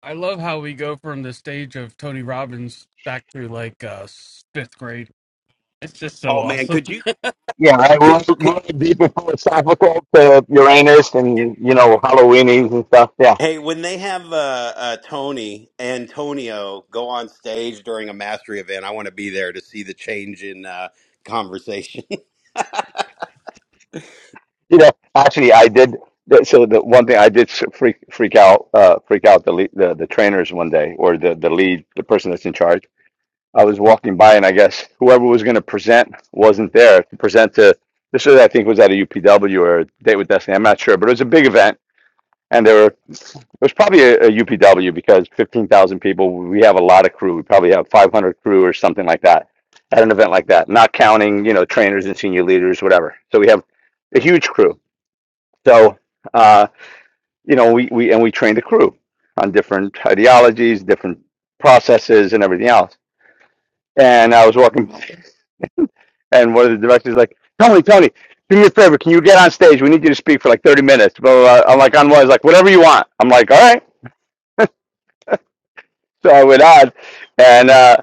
Speaker 2: I love how we go from the stage of Tony Robbins back through like uh s- fifth grade. It's just so
Speaker 4: oh man,
Speaker 2: awesome.
Speaker 4: could you?
Speaker 11: Yeah, I
Speaker 4: could,
Speaker 11: went,
Speaker 4: could
Speaker 11: went deep and philosophical to Uranus and you know Halloweenies and stuff. Yeah.
Speaker 4: Hey, when they have uh, uh, Tony Antonio go on stage during a mastery event, I want to be there to see the change in uh, conversation.
Speaker 11: You know, actually, I did. that- So the one thing I did s- freak freak out uh, freak out the, lead, the the trainers one day or the the lead the person that's in charge. I was walking by and I guess whoever was going to present wasn't there to present to. This was I think was at a UPW or a Date with Destiny. I'm not sure, but it was a big event and there were it was probably a, a UPW because fifteen thousand people. We have a lot of crew. We probably have 500 crew or something like that at an event like that, not counting you know trainers and senior leaders, whatever. So we have a huge crew so, uh, you know, we, we and we trained a crew on different ideologies, different processes, and everything else. And I was walking, and one of the directors was like, Tony, Tony, do me a favor. Can you get on stage? We need you to speak for like 30 minutes. Blah, blah, blah. I'm like, on what? He's like, whatever you want. I'm like, all right. So I went on, and uh,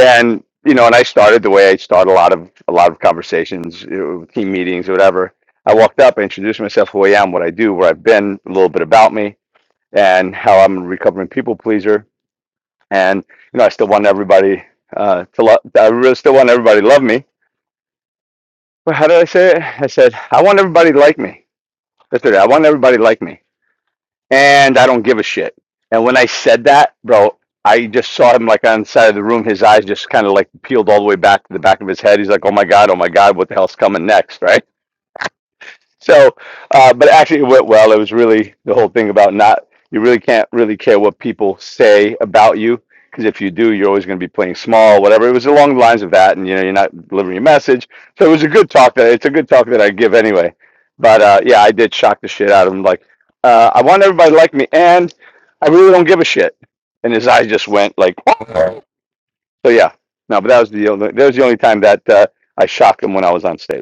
Speaker 11: and you know, and I started the way I start a lot of a lot of conversations, you know, team meetings, or whatever. I walked up, I introduced myself, who I am, what I do, where I've been, a little bit about me, and how I'm a recovering people pleaser. And you know, I still want everybody uh, to love. I really still want everybody to love me. But how did I say it? I said I want everybody to like me. That's it. I want everybody to like me, and I don't give a shit. And when I said that, bro, I just saw him like on the side of the room. His eyes just kind of like peeled all the way back to the back of his head. He's like, "Oh my god, oh my god, what the hell's coming next?" right? So, uh, but actually, it went well. It was really the whole thing about not, you really can't really care what people say about you. Because if you do, you're always going to be playing small, whatever. It was along the lines of that. And, you know, you're not delivering your message. So it was a good talk that it's a good talk that I give anyway. But uh, yeah, I did shock the shit out of him. Like, uh, I want everybody to like me and I really don't give a shit. And his eyes just went like, so yeah. No, but that was the only, that was the only time that uh, I shocked him when I was on stage.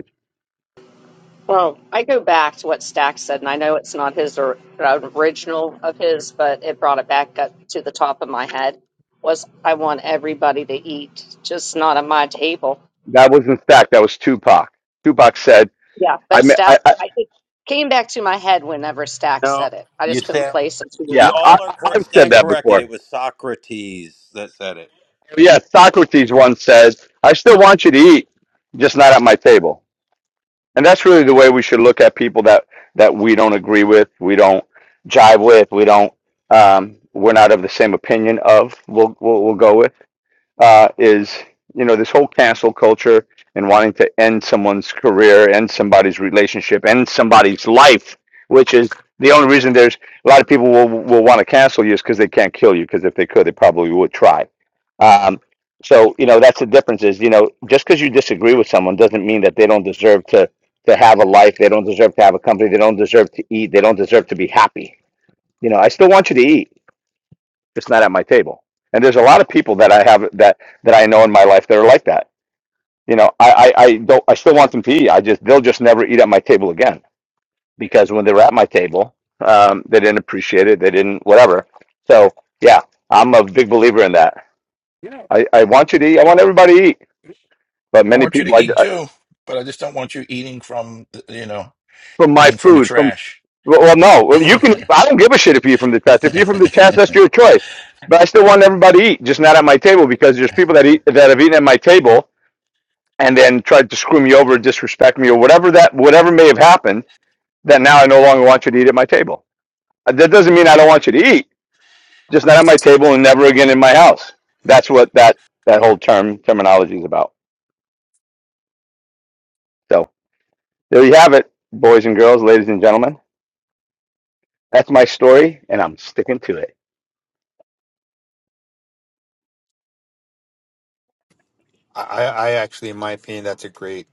Speaker 1: Well, I go back to what Stack said, and I know it's not his or an original of his, but it brought it back up to the top of my head. Was I want everybody to eat, just not at my table.
Speaker 11: That wasn't Stack. That was Tupac. Tupac said,
Speaker 1: Yeah,
Speaker 11: "I,
Speaker 1: but
Speaker 11: me-
Speaker 1: Stack,
Speaker 11: I, I
Speaker 1: I, it came back to my head whenever Stack said
Speaker 4: no,
Speaker 1: it. I
Speaker 4: you
Speaker 1: just couldn't
Speaker 4: stand.
Speaker 1: place it.
Speaker 11: yeah,
Speaker 4: You
Speaker 11: I,
Speaker 4: all are
Speaker 11: I-
Speaker 4: cor-
Speaker 11: I've said
Speaker 4: stand
Speaker 11: that
Speaker 4: corrected. It
Speaker 11: before.
Speaker 4: was Socrates that said it.
Speaker 11: Yeah, Socrates once said, "I still want you to eat, just not at my table." And that's really the way we should look at people that that we don't agree with, we don't jive with, we don't, um, we're not of the same opinion of. We'll we'll, we'll go with. uh, is you know this whole cancel culture and wanting to end someone's career, end somebody's relationship, end somebody's life, which is the only reason there's a lot of people will will want to cancel you is because they can't kill you. Because if they could, they probably would try. Um, so you know that's the difference. Is you know just because you disagree with someone doesn't mean that they don't deserve to to have a life. They don't deserve to have a company. They don't deserve to eat. They don't deserve to be happy. You know, I still want you to eat. It's not at my table. And there's a lot of people that I have that that I know in my life that are like that. You know, I I, I don't I still want them to eat. I just they'll just never eat at my table again because when they were at my table, um, they didn't appreciate it. They didn't whatever. So yeah, I'm a big believer in that.
Speaker 2: Yeah.
Speaker 11: I, I want you to eat. I want everybody to eat. But
Speaker 8: I
Speaker 11: many
Speaker 8: want you
Speaker 11: people,
Speaker 8: to
Speaker 11: I,
Speaker 8: eat
Speaker 11: I-
Speaker 8: too, but I just don't want you eating from, the- you know,
Speaker 11: from my
Speaker 8: eating from the
Speaker 11: food, from
Speaker 8: trash.
Speaker 11: well, well, no, well, you
Speaker 8: Can't
Speaker 11: can. eat. I don't give a shit if you eat from the chest. If you eat from the chest, that's your choice. But I still want everybody to eat, just not at my table because there's people that eat that have eaten at my table and then tried to screw me over, disrespect me, or whatever that whatever may have happened, that now I no longer want you to eat at my table. Uh, That doesn't mean I don't want you to eat, just not at my table and never again in my house. That's what that that whole term terminology is about. So there you have it, boys and girls, ladies and gentlemen. That's my story, and I'm sticking to it.
Speaker 13: I, I I actually, in my opinion, that's a great,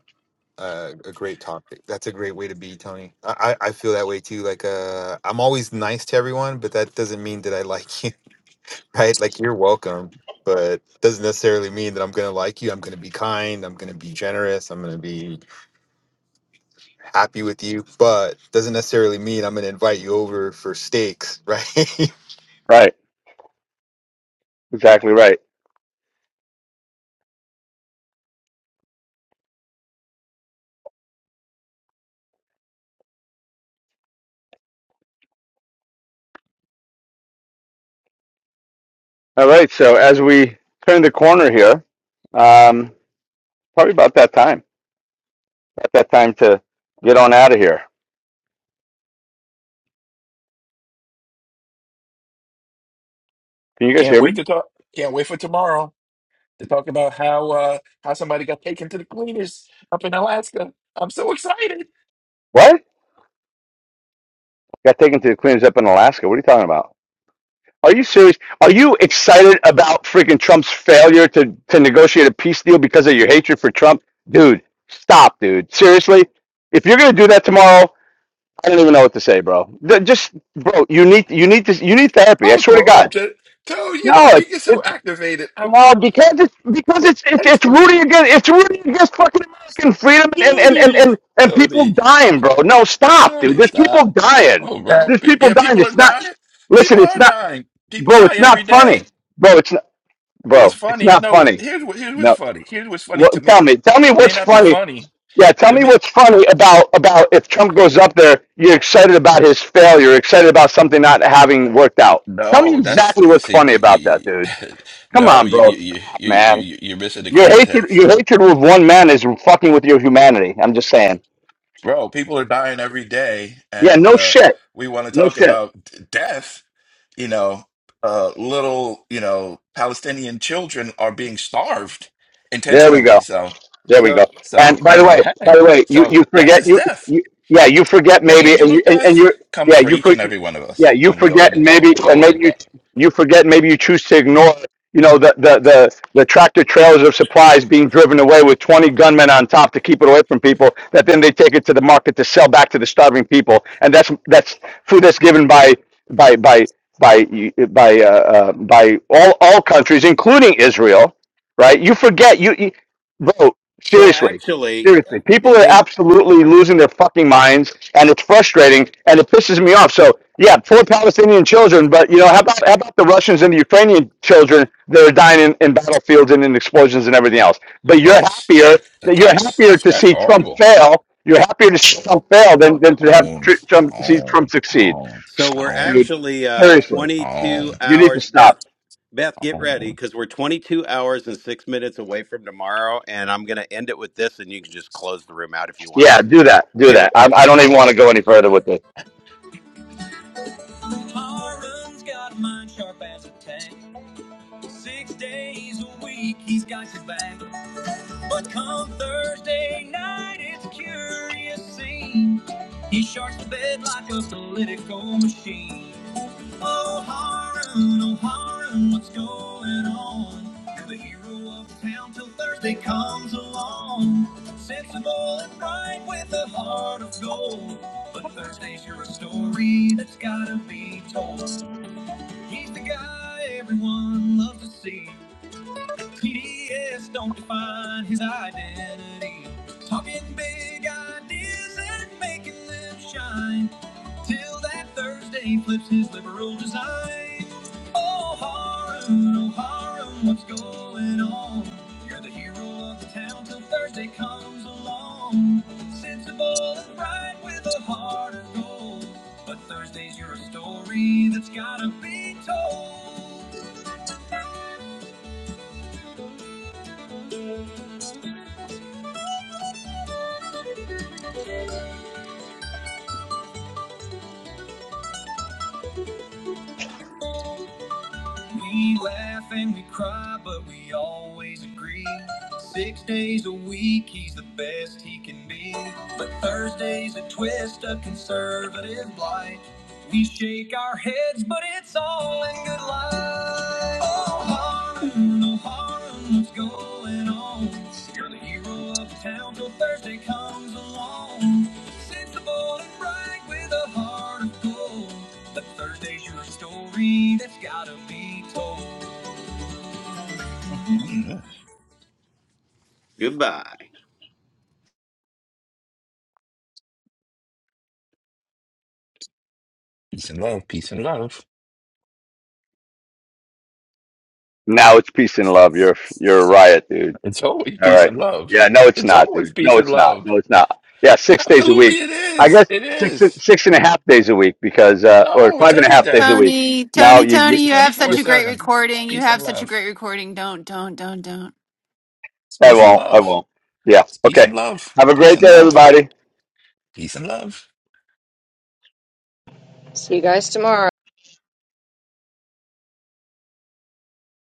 Speaker 13: uh, a great topic. That's a great way to be, Tony. I, I I feel that way too. Like, uh, I'm always nice to everyone, but that doesn't mean that I like you. right? Like you're welcome, but doesn't necessarily mean that I'm going to like you. I'm going to be kind. I'm going to be generous. I'm going to be happy with you, but doesn't necessarily mean I'm going to invite you over for steaks, right?
Speaker 11: Right, exactly right. All right, so as we turn the corner here, um, probably about that time, about that time to get on out of here. Can you guys hear
Speaker 8: wait
Speaker 11: me?
Speaker 8: to talk. Can't wait for tomorrow to talk about how uh, how somebody got taken to the cleaners up in Alaska. I'm so excited.
Speaker 11: What? Got taken to the cleaners up in Alaska. What are you talking about? Are you serious? Are you excited about freaking Trump's failure to, to negotiate a peace deal because of your hatred for Trump? Dude, stop, dude. Seriously? If you're going to do that tomorrow, I don't even know what to say, bro. Th- Just, bro, you need you need to you need therapy. I
Speaker 8: Oh,
Speaker 11: swear to
Speaker 8: Toad, I'm
Speaker 11: God.
Speaker 8: just Toad. You
Speaker 11: No,
Speaker 8: know, you get
Speaker 11: it's
Speaker 8: so
Speaker 11: it's
Speaker 8: activated. I'm,
Speaker 11: no,
Speaker 8: I'm,
Speaker 11: because it's
Speaker 8: I'm
Speaker 11: because it's it's, it's
Speaker 8: activated.
Speaker 11: rooting against it's rooting against fucking American
Speaker 8: So,
Speaker 11: freedom and and, and,
Speaker 8: Toadies,
Speaker 11: and and people
Speaker 8: Toadies.
Speaker 11: dying, bro. No, stop, dude.
Speaker 8: Jody,
Speaker 11: There's people
Speaker 8: stop. No,
Speaker 11: dying.
Speaker 13: That-
Speaker 8: bro.
Speaker 11: There's
Speaker 8: Pe-
Speaker 11: people
Speaker 8: Yeah,
Speaker 11: dying.
Speaker 8: people are
Speaker 11: It's not.
Speaker 8: dying.
Speaker 11: Listen,
Speaker 8: People
Speaker 11: it's
Speaker 8: are
Speaker 11: not,
Speaker 8: dying. People
Speaker 11: bro.
Speaker 8: die
Speaker 11: It's
Speaker 8: every
Speaker 11: not funny,
Speaker 8: day.
Speaker 11: bro. It's not,
Speaker 8: What's
Speaker 11: bro. It's
Speaker 8: funny?
Speaker 11: not
Speaker 8: No, what-
Speaker 11: funny.
Speaker 8: here's what here's what's
Speaker 11: No.
Speaker 8: funny. Here's what's funny to
Speaker 11: What, tell
Speaker 8: me.
Speaker 11: me, tell me
Speaker 8: May
Speaker 11: what's
Speaker 8: not be
Speaker 11: funny.
Speaker 8: funny.
Speaker 11: Yeah, tell
Speaker 8: It
Speaker 11: me
Speaker 8: may,
Speaker 11: what's funny about about if Trump goes up there, you're excited about his failure, excited about something not having worked out. Tell me
Speaker 8: no, that's
Speaker 11: exactly what's
Speaker 8: see.
Speaker 11: funny
Speaker 8: You,
Speaker 11: about that, dude.
Speaker 8: you,
Speaker 11: Come
Speaker 8: no,
Speaker 11: on,
Speaker 8: you
Speaker 11: bro.
Speaker 8: you
Speaker 11: Stop,
Speaker 8: you you
Speaker 11: man.
Speaker 8: you- you're missing the
Speaker 11: Your hatred, your
Speaker 8: context,
Speaker 11: hatred with one man is fucking with your humanity. I'm just saying.
Speaker 8: bro. People are dying every day,
Speaker 11: Yeah,
Speaker 8: and
Speaker 11: no
Speaker 8: uh,
Speaker 11: shit,
Speaker 8: we want to
Speaker 11: no
Speaker 8: talk
Speaker 11: shit.
Speaker 8: about d- death. You know, uh, little you know Palestinian children are being starved
Speaker 11: There we
Speaker 8: intentionally.
Speaker 11: go.
Speaker 8: So.
Speaker 11: There we
Speaker 4: So,
Speaker 11: go.
Speaker 8: So,
Speaker 11: And by
Speaker 8: you
Speaker 11: the
Speaker 8: know,
Speaker 11: way, by
Speaker 8: hey,
Speaker 11: the way, you you
Speaker 8: so death
Speaker 11: forget
Speaker 8: is
Speaker 11: you
Speaker 8: death.
Speaker 11: you yeah you forget
Speaker 8: The
Speaker 11: maybe and
Speaker 8: angel
Speaker 11: you
Speaker 8: of
Speaker 11: and, and
Speaker 8: death
Speaker 11: you
Speaker 8: comes
Speaker 11: yeah
Speaker 8: for
Speaker 11: you
Speaker 8: each
Speaker 11: for,
Speaker 8: and every one of
Speaker 11: yeah
Speaker 8: us,
Speaker 11: you
Speaker 8: and we owe
Speaker 11: forget
Speaker 8: it a
Speaker 11: and
Speaker 8: debt.
Speaker 11: maybe
Speaker 8: We
Speaker 11: and
Speaker 8: owe it a
Speaker 11: maybe you
Speaker 8: debt.
Speaker 11: you forget and maybe you choose to ignore you know the the the, the tractor trailers of supplies being driven away with twenty gunmen on top to keep it away from people that then they take it to the market to sell back to the starving people and that's that's food that's given by by by by by uh, uh, by all all countries including Israel right? You forget you. you Bro,
Speaker 4: so
Speaker 11: seriously.
Speaker 4: actually,
Speaker 11: Seriously.
Speaker 4: eh,
Speaker 11: People are
Speaker 4: hey,
Speaker 11: absolutely losing their fucking minds and it's frustrating and it pisses me off. So yeah, poor Palestinian children, but you know, how about how about the Russians and the Ukrainian children that are dying in, in battlefields and in explosions and everything else? But you're
Speaker 8: That's
Speaker 11: happier
Speaker 8: that, that
Speaker 11: that you're happier
Speaker 8: that's
Speaker 11: to
Speaker 8: that's
Speaker 11: see Trump
Speaker 8: horrible.
Speaker 11: fail. You're happier to see Trump fail
Speaker 8: Oh,
Speaker 11: than, than to have
Speaker 8: tone,
Speaker 11: tr- Trump see Trump
Speaker 8: tone,
Speaker 11: succeed.
Speaker 8: tone,
Speaker 4: so we're
Speaker 11: Stop,
Speaker 8: tone,
Speaker 11: dude.
Speaker 4: actually uh,
Speaker 11: Seriously.
Speaker 8: tone,
Speaker 4: 22
Speaker 11: You need to
Speaker 4: hours. Beth,
Speaker 11: stop.
Speaker 4: Beth, get ready
Speaker 8: tone.
Speaker 4: because we're 22 hours and six minutes away from tomorrow, and I'm going to end it with this, and you can just close the room out if you want.
Speaker 11: Yeah,
Speaker 4: Here we go.
Speaker 11: do that. Do
Speaker 4: Here we
Speaker 11: that.
Speaker 4: go.
Speaker 11: I, I don't even want to go any further with this.
Speaker 4: Myron's got a mind sharp as a tack. Six days a week, he's got your back. But come Thursday night, it's a curious scene. He sharks the bed like a political machine. Oh, Harun, oh, Harun, what's going on? You're the hero of the town till Thursday comes along. Sensible and bright with a heart of gold. But Thursday's your story that's gotta be told. He's the guy everyone loves to see. PDS don't define his identity. Talking big ideas and making them shine. Till that Thursday flips his liberal design. Oh, Harun, oh, Harun, what's going on? You're the hero of the town till Thursday comes along. Sensible and bright with a heart of gold. But Thursday's your story that's gotta be told. We laugh and we cry, but we always agree. Six days a week, he's the best he can be. But Thursday's a twist, a conservative blight. We shake our heads, but it's all in good light. Oh, Harlan, oh, Harlan, what's going on? You're the hero of town till Thursday comes along. Sensible and bright with a heart of gold. But Thursday's your story that's gotta be told.
Speaker 8: Mhm.
Speaker 4: Goodbye.
Speaker 8: Peace and love, peace and love.
Speaker 11: Now it's peace and love. You're you're a riot, dude.
Speaker 8: It's always
Speaker 11: All
Speaker 8: peace
Speaker 11: right.
Speaker 8: and love.
Speaker 11: Yeah. No, it's
Speaker 8: It's
Speaker 11: not,
Speaker 8: always
Speaker 11: dude.
Speaker 8: peace
Speaker 11: No,
Speaker 8: and
Speaker 11: it's not.
Speaker 8: love.
Speaker 11: No, it's not. Yeah, six days a
Speaker 8: Absolutely,
Speaker 11: week.
Speaker 8: it
Speaker 11: I
Speaker 8: is.
Speaker 11: guess
Speaker 8: It
Speaker 11: six
Speaker 8: is.
Speaker 11: six and a half days a week because uh, or
Speaker 8: No, it's
Speaker 11: five and a
Speaker 8: every
Speaker 11: half days
Speaker 8: day.
Speaker 11: a week.
Speaker 12: Tony,
Speaker 11: Now
Speaker 12: Tony,
Speaker 11: you,
Speaker 12: Tony,
Speaker 11: you,
Speaker 8: It's
Speaker 12: you have
Speaker 8: 24
Speaker 12: such
Speaker 11: you
Speaker 12: a great
Speaker 8: 7. It's
Speaker 12: recording. You
Speaker 8: peace
Speaker 12: have
Speaker 8: and
Speaker 12: such a
Speaker 8: love.
Speaker 12: great recording. Don't, don't, don't, don't.
Speaker 8: It's
Speaker 11: I
Speaker 8: peace and
Speaker 11: won't. I
Speaker 8: love.
Speaker 11: won't. Yeah.
Speaker 8: It's peace and
Speaker 11: Okay.
Speaker 8: love.
Speaker 11: Have a
Speaker 8: Peace
Speaker 11: great
Speaker 8: and
Speaker 11: day,
Speaker 8: love.
Speaker 11: everybody.
Speaker 8: Peace and love.
Speaker 1: See you guys tomorrow.